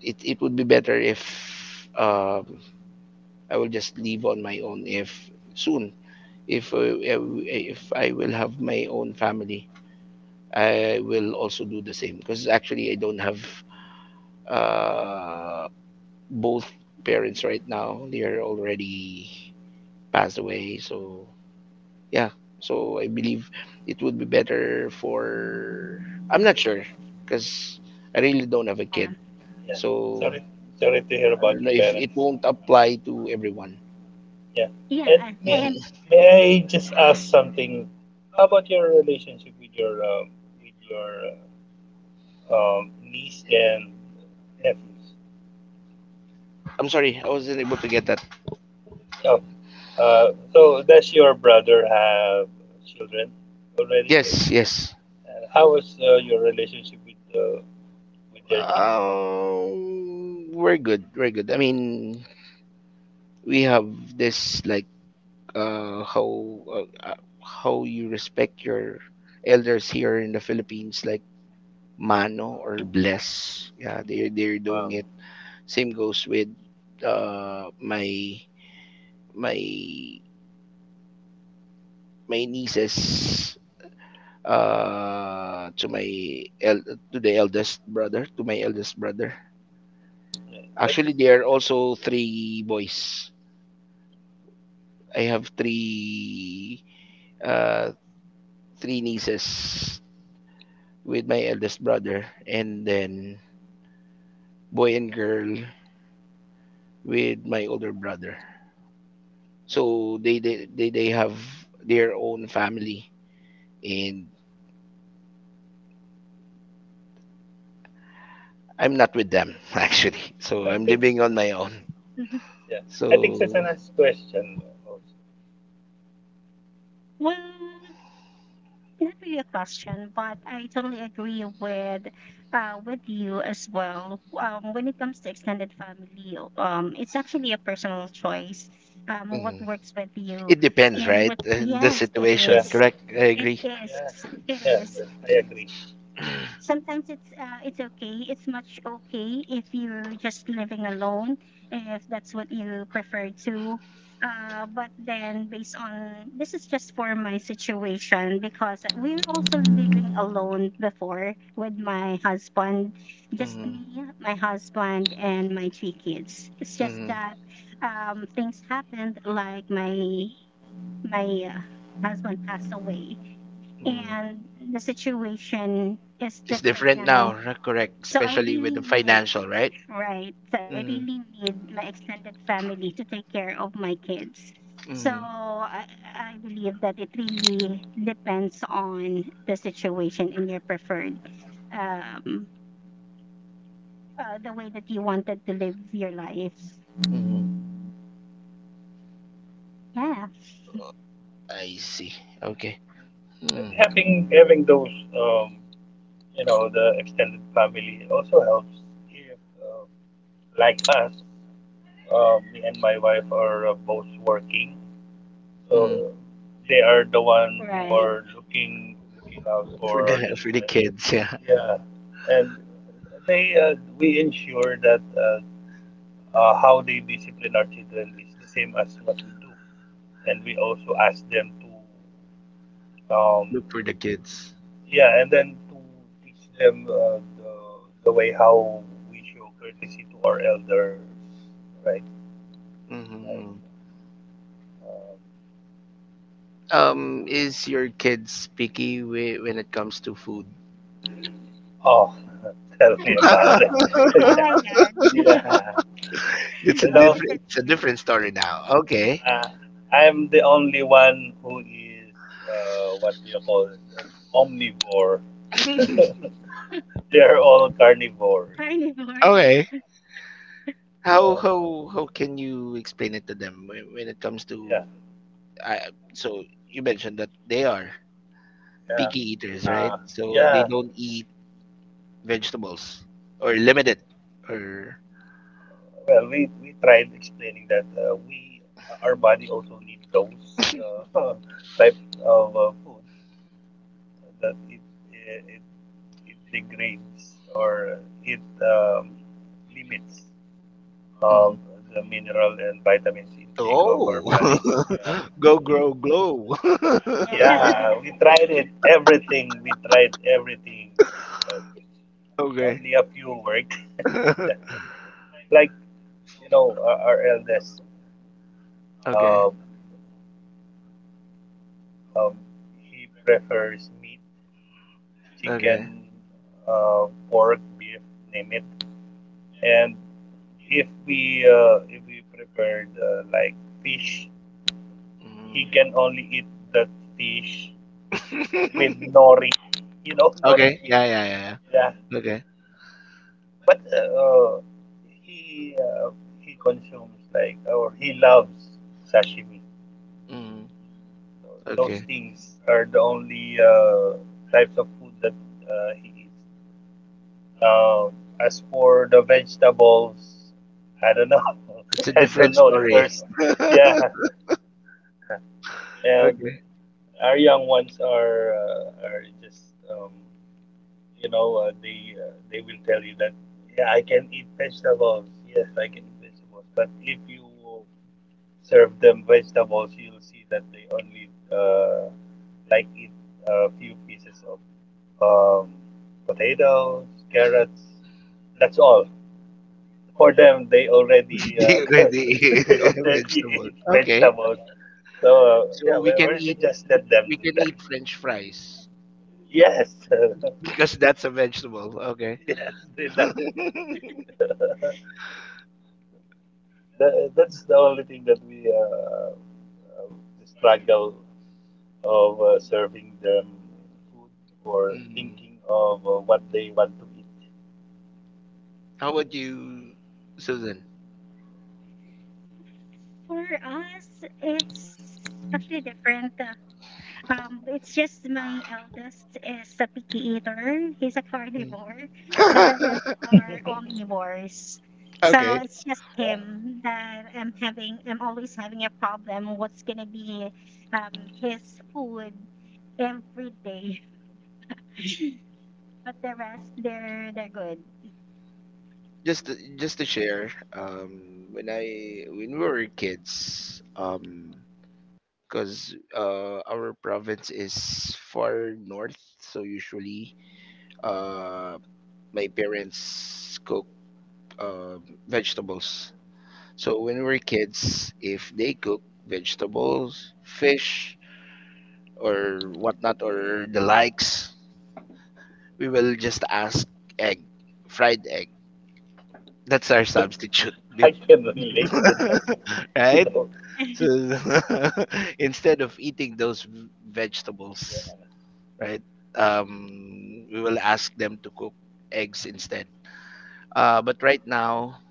Speaker 1: it, it would be better if um, I will just live on my own if soon. If uh, if I will have my own family, I will also do the same, because actually I don't have uh, both parents right now. They are already passed away, so yeah, so I believe it would be better for, I'm not sure, because I really don't have a
Speaker 3: Yeah.
Speaker 1: kid,
Speaker 2: Yeah.
Speaker 1: so
Speaker 2: Sorry, sorry to hear
Speaker 1: I
Speaker 2: about
Speaker 1: don't know
Speaker 2: your
Speaker 1: if it
Speaker 2: parents.
Speaker 1: won't apply to everyone.
Speaker 2: Yeah.
Speaker 3: Yeah,
Speaker 2: And
Speaker 3: I, I
Speaker 2: may
Speaker 3: am.
Speaker 1: (laughs)
Speaker 2: may I just ask something? How about your relationship with your um, with your um, niece and nephews?
Speaker 1: I'm sorry, I wasn't able to get that.
Speaker 2: Oh, uh, so does your brother have children already? Yes.
Speaker 1: Yes, yes.
Speaker 2: Uh, how was uh, your relationship with uh, with their children?
Speaker 1: Um we're good, we're good, I mean we have this, like uh, how uh, uh, how you respect your elders here in the Philippines, like mano or bless. Yeah, they
Speaker 2: Yeah.
Speaker 1: they're doing
Speaker 2: Wow.
Speaker 1: it. Same goes with uh, my my my nieces, uh to my el- to the eldest brother to my eldest brother.
Speaker 2: Yeah,
Speaker 1: Actually,
Speaker 2: that's
Speaker 1: they are also three boys. I have three uh three nieces with my eldest brother, and then boy and girl with my older brother. So they they they, they have their own family, and I'm not with them (laughs) actually. So I'm
Speaker 2: good.
Speaker 1: living on my own.
Speaker 3: Mhm.
Speaker 2: (laughs) Yeah. I think
Speaker 1: So
Speaker 2: Susanna's question. Also.
Speaker 3: Well, not really a question, but I totally agree with uh with you as well. Um, when it comes to extended family, um, it's actually a personal choice. Um, what
Speaker 1: mhm.
Speaker 3: works with you
Speaker 1: It depends,
Speaker 3: and
Speaker 1: right?
Speaker 3: what?
Speaker 1: Uh, The
Speaker 3: Yes, it
Speaker 2: Yeah.
Speaker 1: situation,
Speaker 3: is.
Speaker 1: correct? I
Speaker 3: It
Speaker 1: agree.
Speaker 3: is.
Speaker 2: Yeah.
Speaker 3: It
Speaker 2: Yeah.
Speaker 3: is.
Speaker 2: that- I agree.
Speaker 3: Sometimes it's uh, it's okay, it's much okay if you're just living alone, if that's what you prefer to. Uh, but then, based on this, is just for my situation, because we're also living alone before with my husband, just
Speaker 1: Hmm,
Speaker 3: me, my husband and my three kids. It's just
Speaker 1: hmm,
Speaker 3: that, um, things happened, like my my uh, husband passed away,
Speaker 1: mm.
Speaker 3: and the situation is
Speaker 1: It's
Speaker 3: different
Speaker 1: different now,
Speaker 3: now.
Speaker 1: r- correct?
Speaker 3: So I
Speaker 1: Especially with
Speaker 3: really
Speaker 1: the
Speaker 3: need,
Speaker 1: financial, right?
Speaker 3: right? So I
Speaker 2: Yeah.
Speaker 1: Hmm,
Speaker 3: really need my extended family to take care of my kids. So
Speaker 1: hmm,
Speaker 3: I, I believe that it really depends on the situation and your preferred, um, uh, the way that you wanted to live your life.
Speaker 1: hmm.
Speaker 3: Yeah,
Speaker 1: I see. Okay.
Speaker 2: And
Speaker 1: Mm,
Speaker 2: having having those um, you know the extended family, it also helps if uh, like us, uh, me and my wife are uh, both working, so
Speaker 1: mm.
Speaker 2: uh, they are the one who
Speaker 3: right.
Speaker 2: are looking looking out
Speaker 1: For
Speaker 2: for our
Speaker 1: the (laughs) for the
Speaker 2: children.
Speaker 1: kids, yeah.
Speaker 2: Yeah, and they uh, we ensure that uh, uh, how they discipline our children is the same as what we do, and we also ask them to um,
Speaker 1: Look for the kids.
Speaker 2: yeah, and then to teach them uh, the, the way how we show courtesy to our elders, right? Like,
Speaker 1: Hmm.
Speaker 2: um,
Speaker 1: Um, is your kids picky, whe- when it comes to food?
Speaker 2: oh, (laughs) tell me about
Speaker 1: (laughs)
Speaker 2: it. (laughs)
Speaker 3: Oh
Speaker 2: Yeah,
Speaker 3: my God.
Speaker 2: yeah.
Speaker 1: it's a
Speaker 3: (laughs)
Speaker 2: You
Speaker 3: I
Speaker 2: know,
Speaker 3: guess
Speaker 1: different
Speaker 3: it
Speaker 1: it's a
Speaker 3: is.
Speaker 1: different story now. Okay.
Speaker 2: uh, I'm the only one who is uh, what do you call it? An omnivore.
Speaker 1: (laughs)
Speaker 2: (laughs) They're all carnivores.
Speaker 3: Carnivores.
Speaker 1: Okay.
Speaker 3: (laughs)
Speaker 1: How
Speaker 2: So
Speaker 1: how how can you explain it to them, when, when it comes
Speaker 2: yeah,
Speaker 1: to, uh, so you mentioned that they are
Speaker 2: yeah,
Speaker 1: picky eaters, right?
Speaker 2: uh,
Speaker 1: So they
Speaker 2: yeah.
Speaker 1: don't eat vegetables, or limited or.
Speaker 2: Well, we, we tried explaining that uh, we uh, our body also needs those uh, (laughs) type of uh, food that it it, it it degrades or it um, limits of
Speaker 1: Mhm.
Speaker 2: the mineral and vitamins intake of our body.
Speaker 1: Oh,
Speaker 2: Yeah,
Speaker 1: (laughs) go grow glow.
Speaker 2: yeah.
Speaker 3: Yeah.
Speaker 2: We
Speaker 1: (laughs)
Speaker 2: tried it everything. We tried everything, but only
Speaker 1: Okay.
Speaker 2: a few worked. (laughs) Yeah,
Speaker 1: (laughs)
Speaker 2: like you know our, our eldest.
Speaker 1: Okay.
Speaker 2: Uh, Um, he prefers meat,
Speaker 1: Okay.
Speaker 2: chicken, uh, pork, beef, name it. And if we uh, if we prepared uh, like fish,
Speaker 1: Mm.
Speaker 2: he can only eat that fish with
Speaker 1: (laughs)
Speaker 2: nori. (laughs) You know, nori
Speaker 1: Okay.
Speaker 2: shit.
Speaker 1: Yeah, yeah, yeah,
Speaker 2: Yeah,
Speaker 1: yeah. Okay.
Speaker 2: but uh, he uh, he consumes like or he loves sashimi.
Speaker 1: Mm.
Speaker 2: So
Speaker 1: Okay.
Speaker 2: those things are the only uh, types of food that uh, he eats. Uh, as for the vegetables, I don't know.
Speaker 1: It's a
Speaker 2: (laughs) I
Speaker 1: different
Speaker 2: don't know if
Speaker 1: story.
Speaker 2: there's, yeah.
Speaker 1: (laughs)
Speaker 2: And
Speaker 1: Okay.
Speaker 2: our young ones are uh, are just um, you know uh, they uh, they will tell you that yeah, I can eat vegetables. Yes, I can eat vegetables. But if you serve them vegetables, you'll see that they only uh, like eat a few pieces of um, potatoes, carrots. That's all. For them they
Speaker 1: (laughs)
Speaker 2: already uh,
Speaker 1: Being
Speaker 2: (laughs)
Speaker 1: ready.
Speaker 2: they
Speaker 1: (laughs)
Speaker 2: already
Speaker 1: Vegetable.
Speaker 2: ate
Speaker 1: Okay.
Speaker 2: vegetables. So uh,
Speaker 1: So
Speaker 2: yeah, we,
Speaker 1: we can
Speaker 2: we we
Speaker 1: eat
Speaker 2: just let them
Speaker 1: we
Speaker 2: do
Speaker 1: can
Speaker 2: that.
Speaker 1: eat French fries
Speaker 2: Yes, (laughs)
Speaker 1: (laughs) because that's a vegetable. Okay.
Speaker 2: yes, they
Speaker 1: (laughs)
Speaker 2: love it. Tha- that's the only thing that we uh, uh, struggle of uh, serving them food or
Speaker 1: Mm.
Speaker 2: thinking of uh, what they want to eat. (laughs)
Speaker 1: How about you, Susan?
Speaker 3: For us, it's actually different. Uh, Um, it's just my eldest is a picky eater. He's a
Speaker 1: Mm.
Speaker 3: carnivore, and the rest
Speaker 1: (laughs)
Speaker 3: are omnivores. So
Speaker 1: Okay.
Speaker 3: it's just
Speaker 2: Huh?
Speaker 3: him that I'm having. I'm always having a problem. What's gonna be um, his food every day? But the rest, they're they're good.
Speaker 1: Just to, just to share, um, when I when we were kids, um, because uh, our province is far north, so usually uh, my parents cook uh, vegetables. So when we were kids, if they cook vegetables, fish, or whatnot, or the likes, we will just ask egg, fried egg. That's our substitute,
Speaker 2: I
Speaker 1: bef-
Speaker 2: can relate to that.
Speaker 1: (laughs)
Speaker 2: You
Speaker 1: right?
Speaker 2: know,
Speaker 1: So (laughs) instead of eating those v- vegetables,
Speaker 2: yeah,
Speaker 1: right? Um, we will ask them to cook eggs instead. Uh, but right now,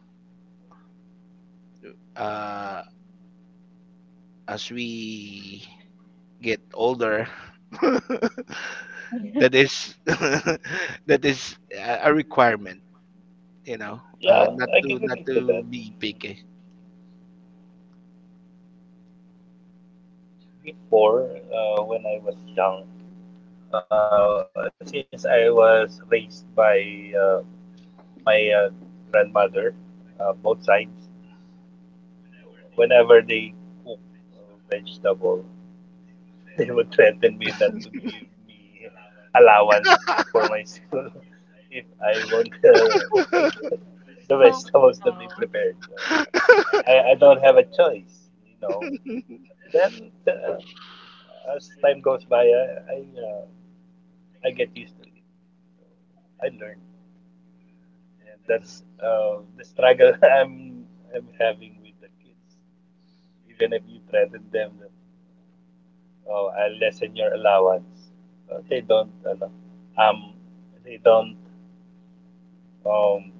Speaker 1: uh, as we get older, (laughs) that
Speaker 3: (laughs)
Speaker 1: is (laughs) that is a a requirement, you know, uh,
Speaker 2: yeah,
Speaker 1: not
Speaker 2: I can
Speaker 1: to not
Speaker 2: relate to that.
Speaker 1: to be picky.
Speaker 2: Before, uh, when I was young, Uh, since I was raised by uh, my uh, grandmother, uh, both sides, whenever they cook uh, vegetable, (laughs) they would threaten me not to give me allowance for myself (laughs) if I won't uh,
Speaker 1: (laughs)
Speaker 2: eat (laughs) the
Speaker 3: Hope,
Speaker 2: vegetables that
Speaker 3: oh,
Speaker 2: they prepared. So I, I don't have a choice, you know. Then as time goes by, I I, uh, I get used to it. So I learned, and that's uh, the struggle (laughs) I'm I'm having with the kids. Even if you threaten them that oh, I'll lessen your allowance, uh, they don't ano, um they don't um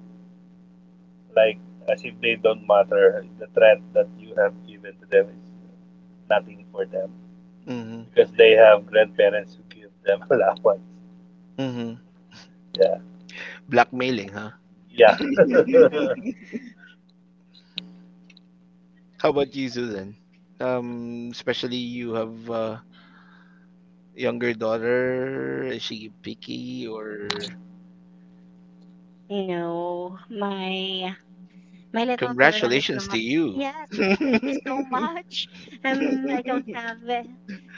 Speaker 2: like, as if they don't matter. The threat that you have given to them is uh, nothing for them
Speaker 1: Hmm,
Speaker 2: because they have grandparents who give them (laughs) allowance.
Speaker 1: hmm.
Speaker 2: Yeah,
Speaker 1: Blackmailing, huh?
Speaker 2: yeah,
Speaker 1: (laughs) How about you, Susan? Um, especially you have a younger daughter. Is she picky, or?
Speaker 3: you know, my my little girl is
Speaker 1: Congratulations to
Speaker 3: not.
Speaker 1: you.
Speaker 3: Yes,
Speaker 1: (laughs)
Speaker 3: thank you so much. Um, I don't have uh,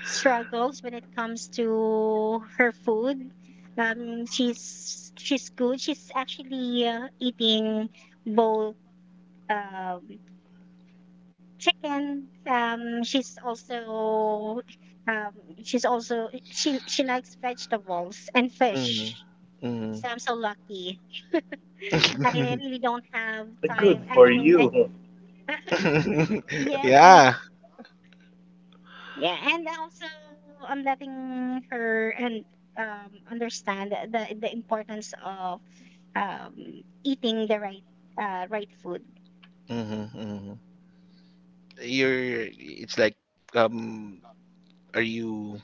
Speaker 3: struggles when it comes to her food. Um, she's she's good. She's actually uh, eating both, um, chicken. Um, she's also um, she's also she she likes vegetables and
Speaker 1: Mhm,
Speaker 3: fish.
Speaker 1: mhm.
Speaker 3: So I'm so lucky. (laughs) I really don't have
Speaker 2: good
Speaker 3: time.
Speaker 2: for
Speaker 3: I, I mean, I,
Speaker 2: you. (laughs)
Speaker 3: (laughs)
Speaker 1: (laughs)
Speaker 3: yes.
Speaker 1: Yeah.
Speaker 3: Yeah, and also, I'm letting her and um understand the the importance of um eating the right uh right food.
Speaker 1: Mhm, mhm. You're. It's like, um, are you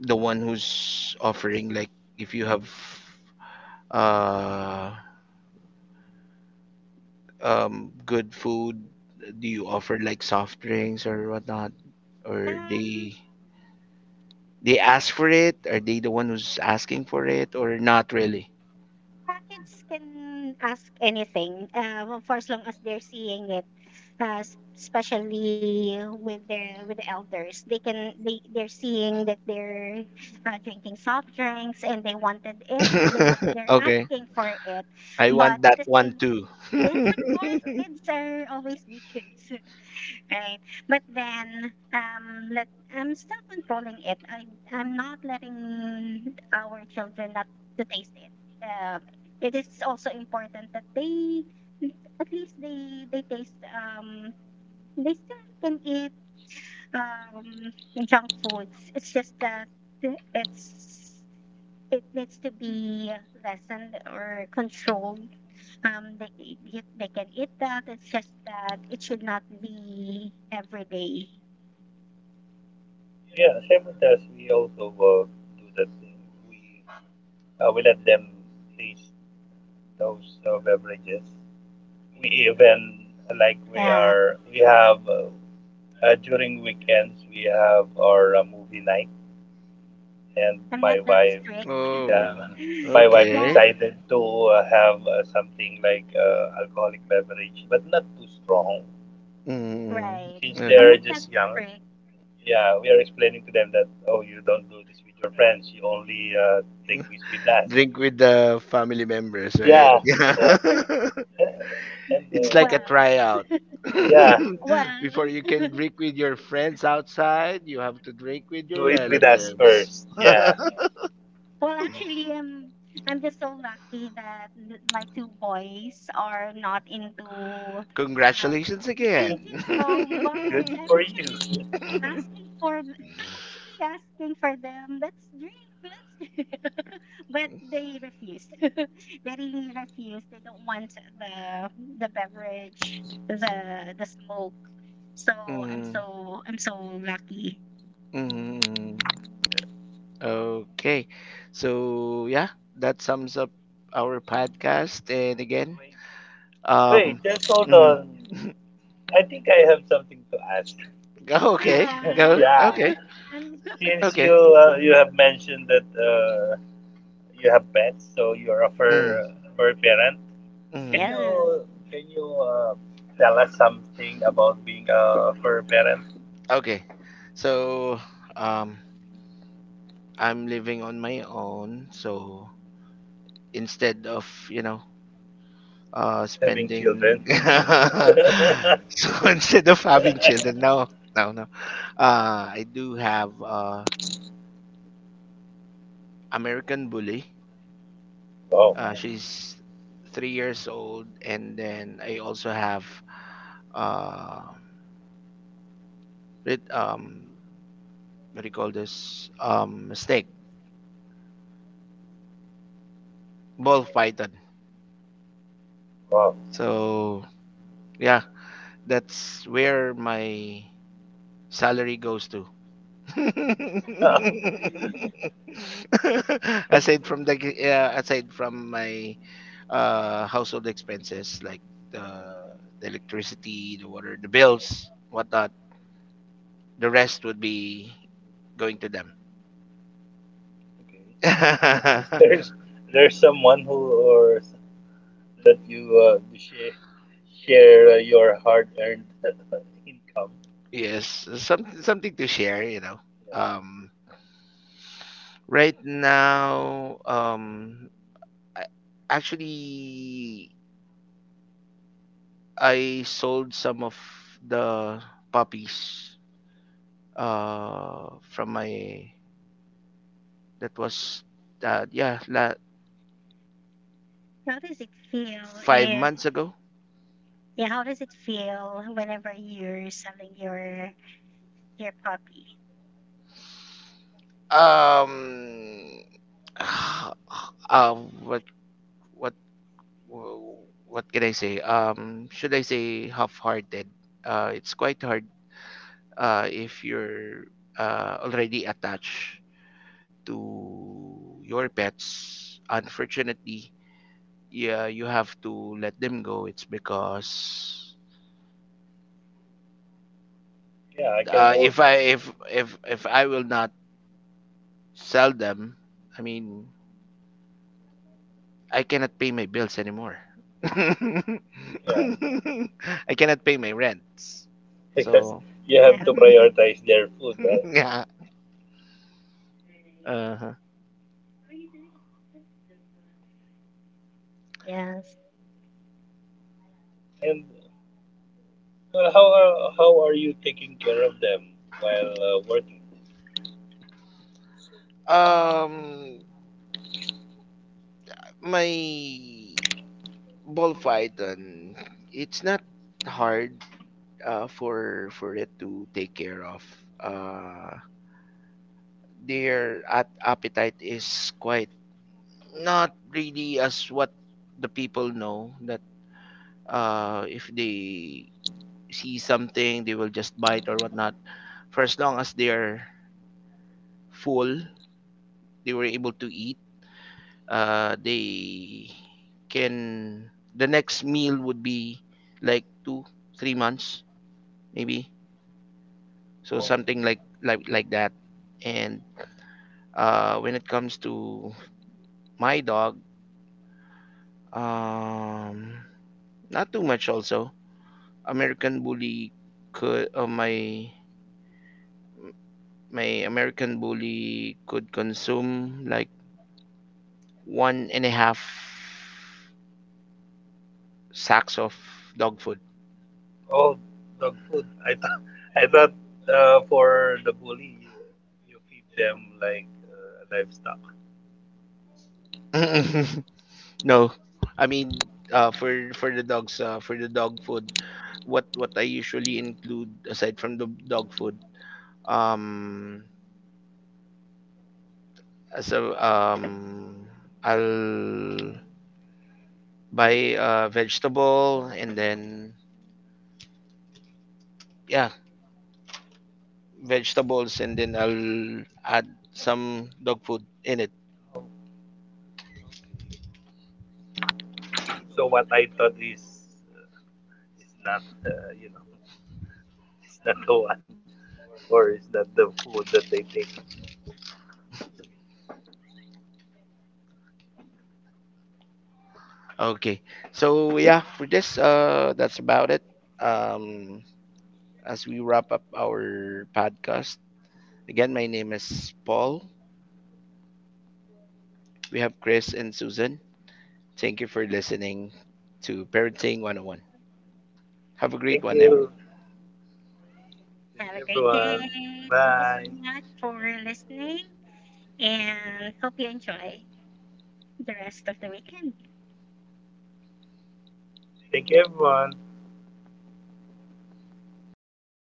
Speaker 1: the one who's offering, like, if you have, uh, um, good food? Do you offer, like, soft drinks or whatnot, or
Speaker 3: Um,
Speaker 1: they they ask for it? Are they the one who's asking for it, or not really?
Speaker 3: packets can ask anything. Uh well, for as long as they're seeing it, uh s- especially with their with the elders, they can they they're seeing that they're uh, drinking soft drinks and they wanted it. They
Speaker 1: (laughs)
Speaker 3: want they're
Speaker 1: Okay.
Speaker 3: asking for it,
Speaker 1: I
Speaker 3: but
Speaker 1: want
Speaker 3: at
Speaker 1: that
Speaker 3: the
Speaker 1: one
Speaker 3: same.
Speaker 1: too.
Speaker 3: Yes,
Speaker 1: (laughs)
Speaker 3: of course, kids are always be kids, (laughs) right? But then, um, let, I'm still controlling it. I I'm not letting our children not to taste it. Uh, it is also important that they, at least they they taste. Um, they still can eat um junk foods. It's just that it's it needs to be lessened or controlled. Um, they eat, they can eat that. It's just that it should not be every day.
Speaker 2: Yeah, same with us. We also uh, do that thing. We Uh, we let them taste those uh, beverages. We even like we
Speaker 3: Yeah,
Speaker 2: are we have uh, uh, during weekends we have our uh, movie night, and
Speaker 3: I'm
Speaker 2: my
Speaker 3: not that
Speaker 2: wife,
Speaker 3: strict.
Speaker 2: yeah,
Speaker 3: (laughs)
Speaker 1: Oh,
Speaker 2: my wife
Speaker 3: Yeah,
Speaker 1: okay.
Speaker 2: decided to uh, have uh, something like uh, alcoholic beverage, but not too strong. Uh,
Speaker 1: Mm,
Speaker 3: right.
Speaker 2: since they
Speaker 3: I'm
Speaker 1: okay.
Speaker 2: are
Speaker 3: not that
Speaker 2: just young,
Speaker 3: strict.
Speaker 2: yeah, we are explaining to them that oh, you don't do this with your friends. You only uh, take this with us.
Speaker 1: Drink with the family members, right?
Speaker 2: Yeah,
Speaker 1: (laughs)
Speaker 2: yeah,
Speaker 1: Yeah.
Speaker 2: and. and
Speaker 1: It's
Speaker 3: (laughs)
Speaker 2: Uh,
Speaker 1: like a
Speaker 3: Well,
Speaker 1: tryout. (laughs)
Speaker 2: Yeah,
Speaker 1: Before
Speaker 3: well,
Speaker 1: you can drink with your friends outside, you have to drink with
Speaker 2: do
Speaker 1: your
Speaker 2: it with us
Speaker 1: relatives.
Speaker 2: first. Yeah,
Speaker 1: (laughs)
Speaker 3: well, actually, um, I'm just so lucky that th- my two boys are not into. Um,
Speaker 1: Congratulations
Speaker 3: thank you
Speaker 1: again.
Speaker 3: so
Speaker 2: good
Speaker 3: much.
Speaker 1: (laughs)
Speaker 3: I'm
Speaker 2: for
Speaker 3: actually
Speaker 2: you.
Speaker 3: asking for. th- I'm actually asking for them. Let's drink. Let's drink. (laughs) But they refuse. (laughs) They really refuse. They don't want the the beverage, the the smoke. So I'm
Speaker 1: Mm,
Speaker 3: so I'm so lucky.
Speaker 1: mm. Okay. So yeah, that sums up our podcast. And again,
Speaker 2: Wait.
Speaker 1: um,
Speaker 2: Wait, just hold
Speaker 1: mm,
Speaker 2: on.
Speaker 1: (laughs)
Speaker 2: I think I have something to ask.
Speaker 1: go, okay,
Speaker 2: Since you, (laughs)
Speaker 1: go,
Speaker 3: Aww.
Speaker 2: yeah,
Speaker 1: okay,
Speaker 3: (laughs) I'm
Speaker 2: since you
Speaker 1: okay,
Speaker 2: uh, you have mentioned that uh, you have pets, so you're a
Speaker 1: mm,
Speaker 2: fur fur parent.
Speaker 3: (laughs)
Speaker 2: Can
Speaker 1: mm,
Speaker 3: yes.
Speaker 2: you can you uh, tell us something about being a fur parent,
Speaker 1: okay. So um, I'm living on my own. So instead of you know uh
Speaker 2: having children?
Speaker 1: spending,
Speaker 2: (laughs)
Speaker 1: (laughs) so instead of having children, no, no, no. Uh, I do have uh American Bully.
Speaker 2: Wow,
Speaker 1: Uh, she's three years old, and then I also have uh, it, um, what do you call this? Um, snake, ball python.
Speaker 2: wow. (laughs)
Speaker 1: So yeah, that's where my salary goes to. (laughs) aside from the g- uh, aside from my uh, household expenses like the the electricity, the water, the bills, whatnot. The rest would be going to them.
Speaker 2: Okay. There's there's someone who or that you uh, share share uh, your hard-earned (laughs) income.
Speaker 1: (laughs) Yes, some something to share, you know.
Speaker 2: Yeah,
Speaker 1: Um, right now, um, I, actually, I sold some of the puppies uh from my that was uh yeah la,
Speaker 3: How does it feel
Speaker 1: five
Speaker 3: if,
Speaker 1: months ago.
Speaker 3: yeah, how does it feel whenever you're selling your your puppy?
Speaker 1: Um, (sighs) uh, what what Well, what can I say? Um, should I say half-hearted? Uh, it's quite hard uh, if you're uh, already attached to your pets. Unfortunately, yeah, you have to let them go. It's because
Speaker 2: yeah, I can
Speaker 1: uh, if
Speaker 2: also.
Speaker 1: I if if if I will not sell them, I mean, I cannot pay my bills anymore. (laughs) I
Speaker 2: Yeah,
Speaker 1: cannot pay my rents.
Speaker 2: because
Speaker 1: So
Speaker 2: you have
Speaker 3: Yeah.
Speaker 2: to prioritize their food,
Speaker 1: (laughs)
Speaker 2: right?
Speaker 1: yeah. Uh-huh.
Speaker 3: Yes.
Speaker 2: And uh, how are, how are you taking care of them while uh, working?
Speaker 1: Um, my ball python, it's not hard uh, for for it to take care of. Uh, their at- appetite is quite not really as what the people know, that uh, if they see something they will just bite or whatnot. For as long as they are full, they were able to eat. Uh, they can, the next meal would be like two three months maybe, so something like like like that. And uh, when it comes to my dog, um, not too much also. American Bully could uh, my my american bully could consume like one and a half sacks of dog food.
Speaker 2: Oh, dog food. I thought (laughs) I thought uh, for the bully you, you feed them like uh, livestock.
Speaker 1: (laughs) No, I mean uh, for for the dogs, uh, for the dog food, what what I usually include aside from the dog food, um, so um, I'll buy uh, vegetable, and then yeah, vegetables, and then I'll add some dog food in it.
Speaker 2: Oh, okay. So what I thought is is not uh, you know (laughs) it's not the one, or is that the food that they take?
Speaker 1: Okay, so yeah, for this uh, that's about it. Um, as we wrap up our podcast, again, my name is Paul. We have Chris and Susan. Thank you for listening to Parenting one oh one. Have a
Speaker 2: Thank
Speaker 1: great one,
Speaker 2: you.
Speaker 1: everyone.
Speaker 2: Thank you,
Speaker 3: Have a great
Speaker 2: everyone.
Speaker 3: day. Thank you
Speaker 2: Bye.
Speaker 3: so much for listening, and hope you enjoy the rest of the weekend.
Speaker 2: Thank you, everyone.
Speaker 3: Bye.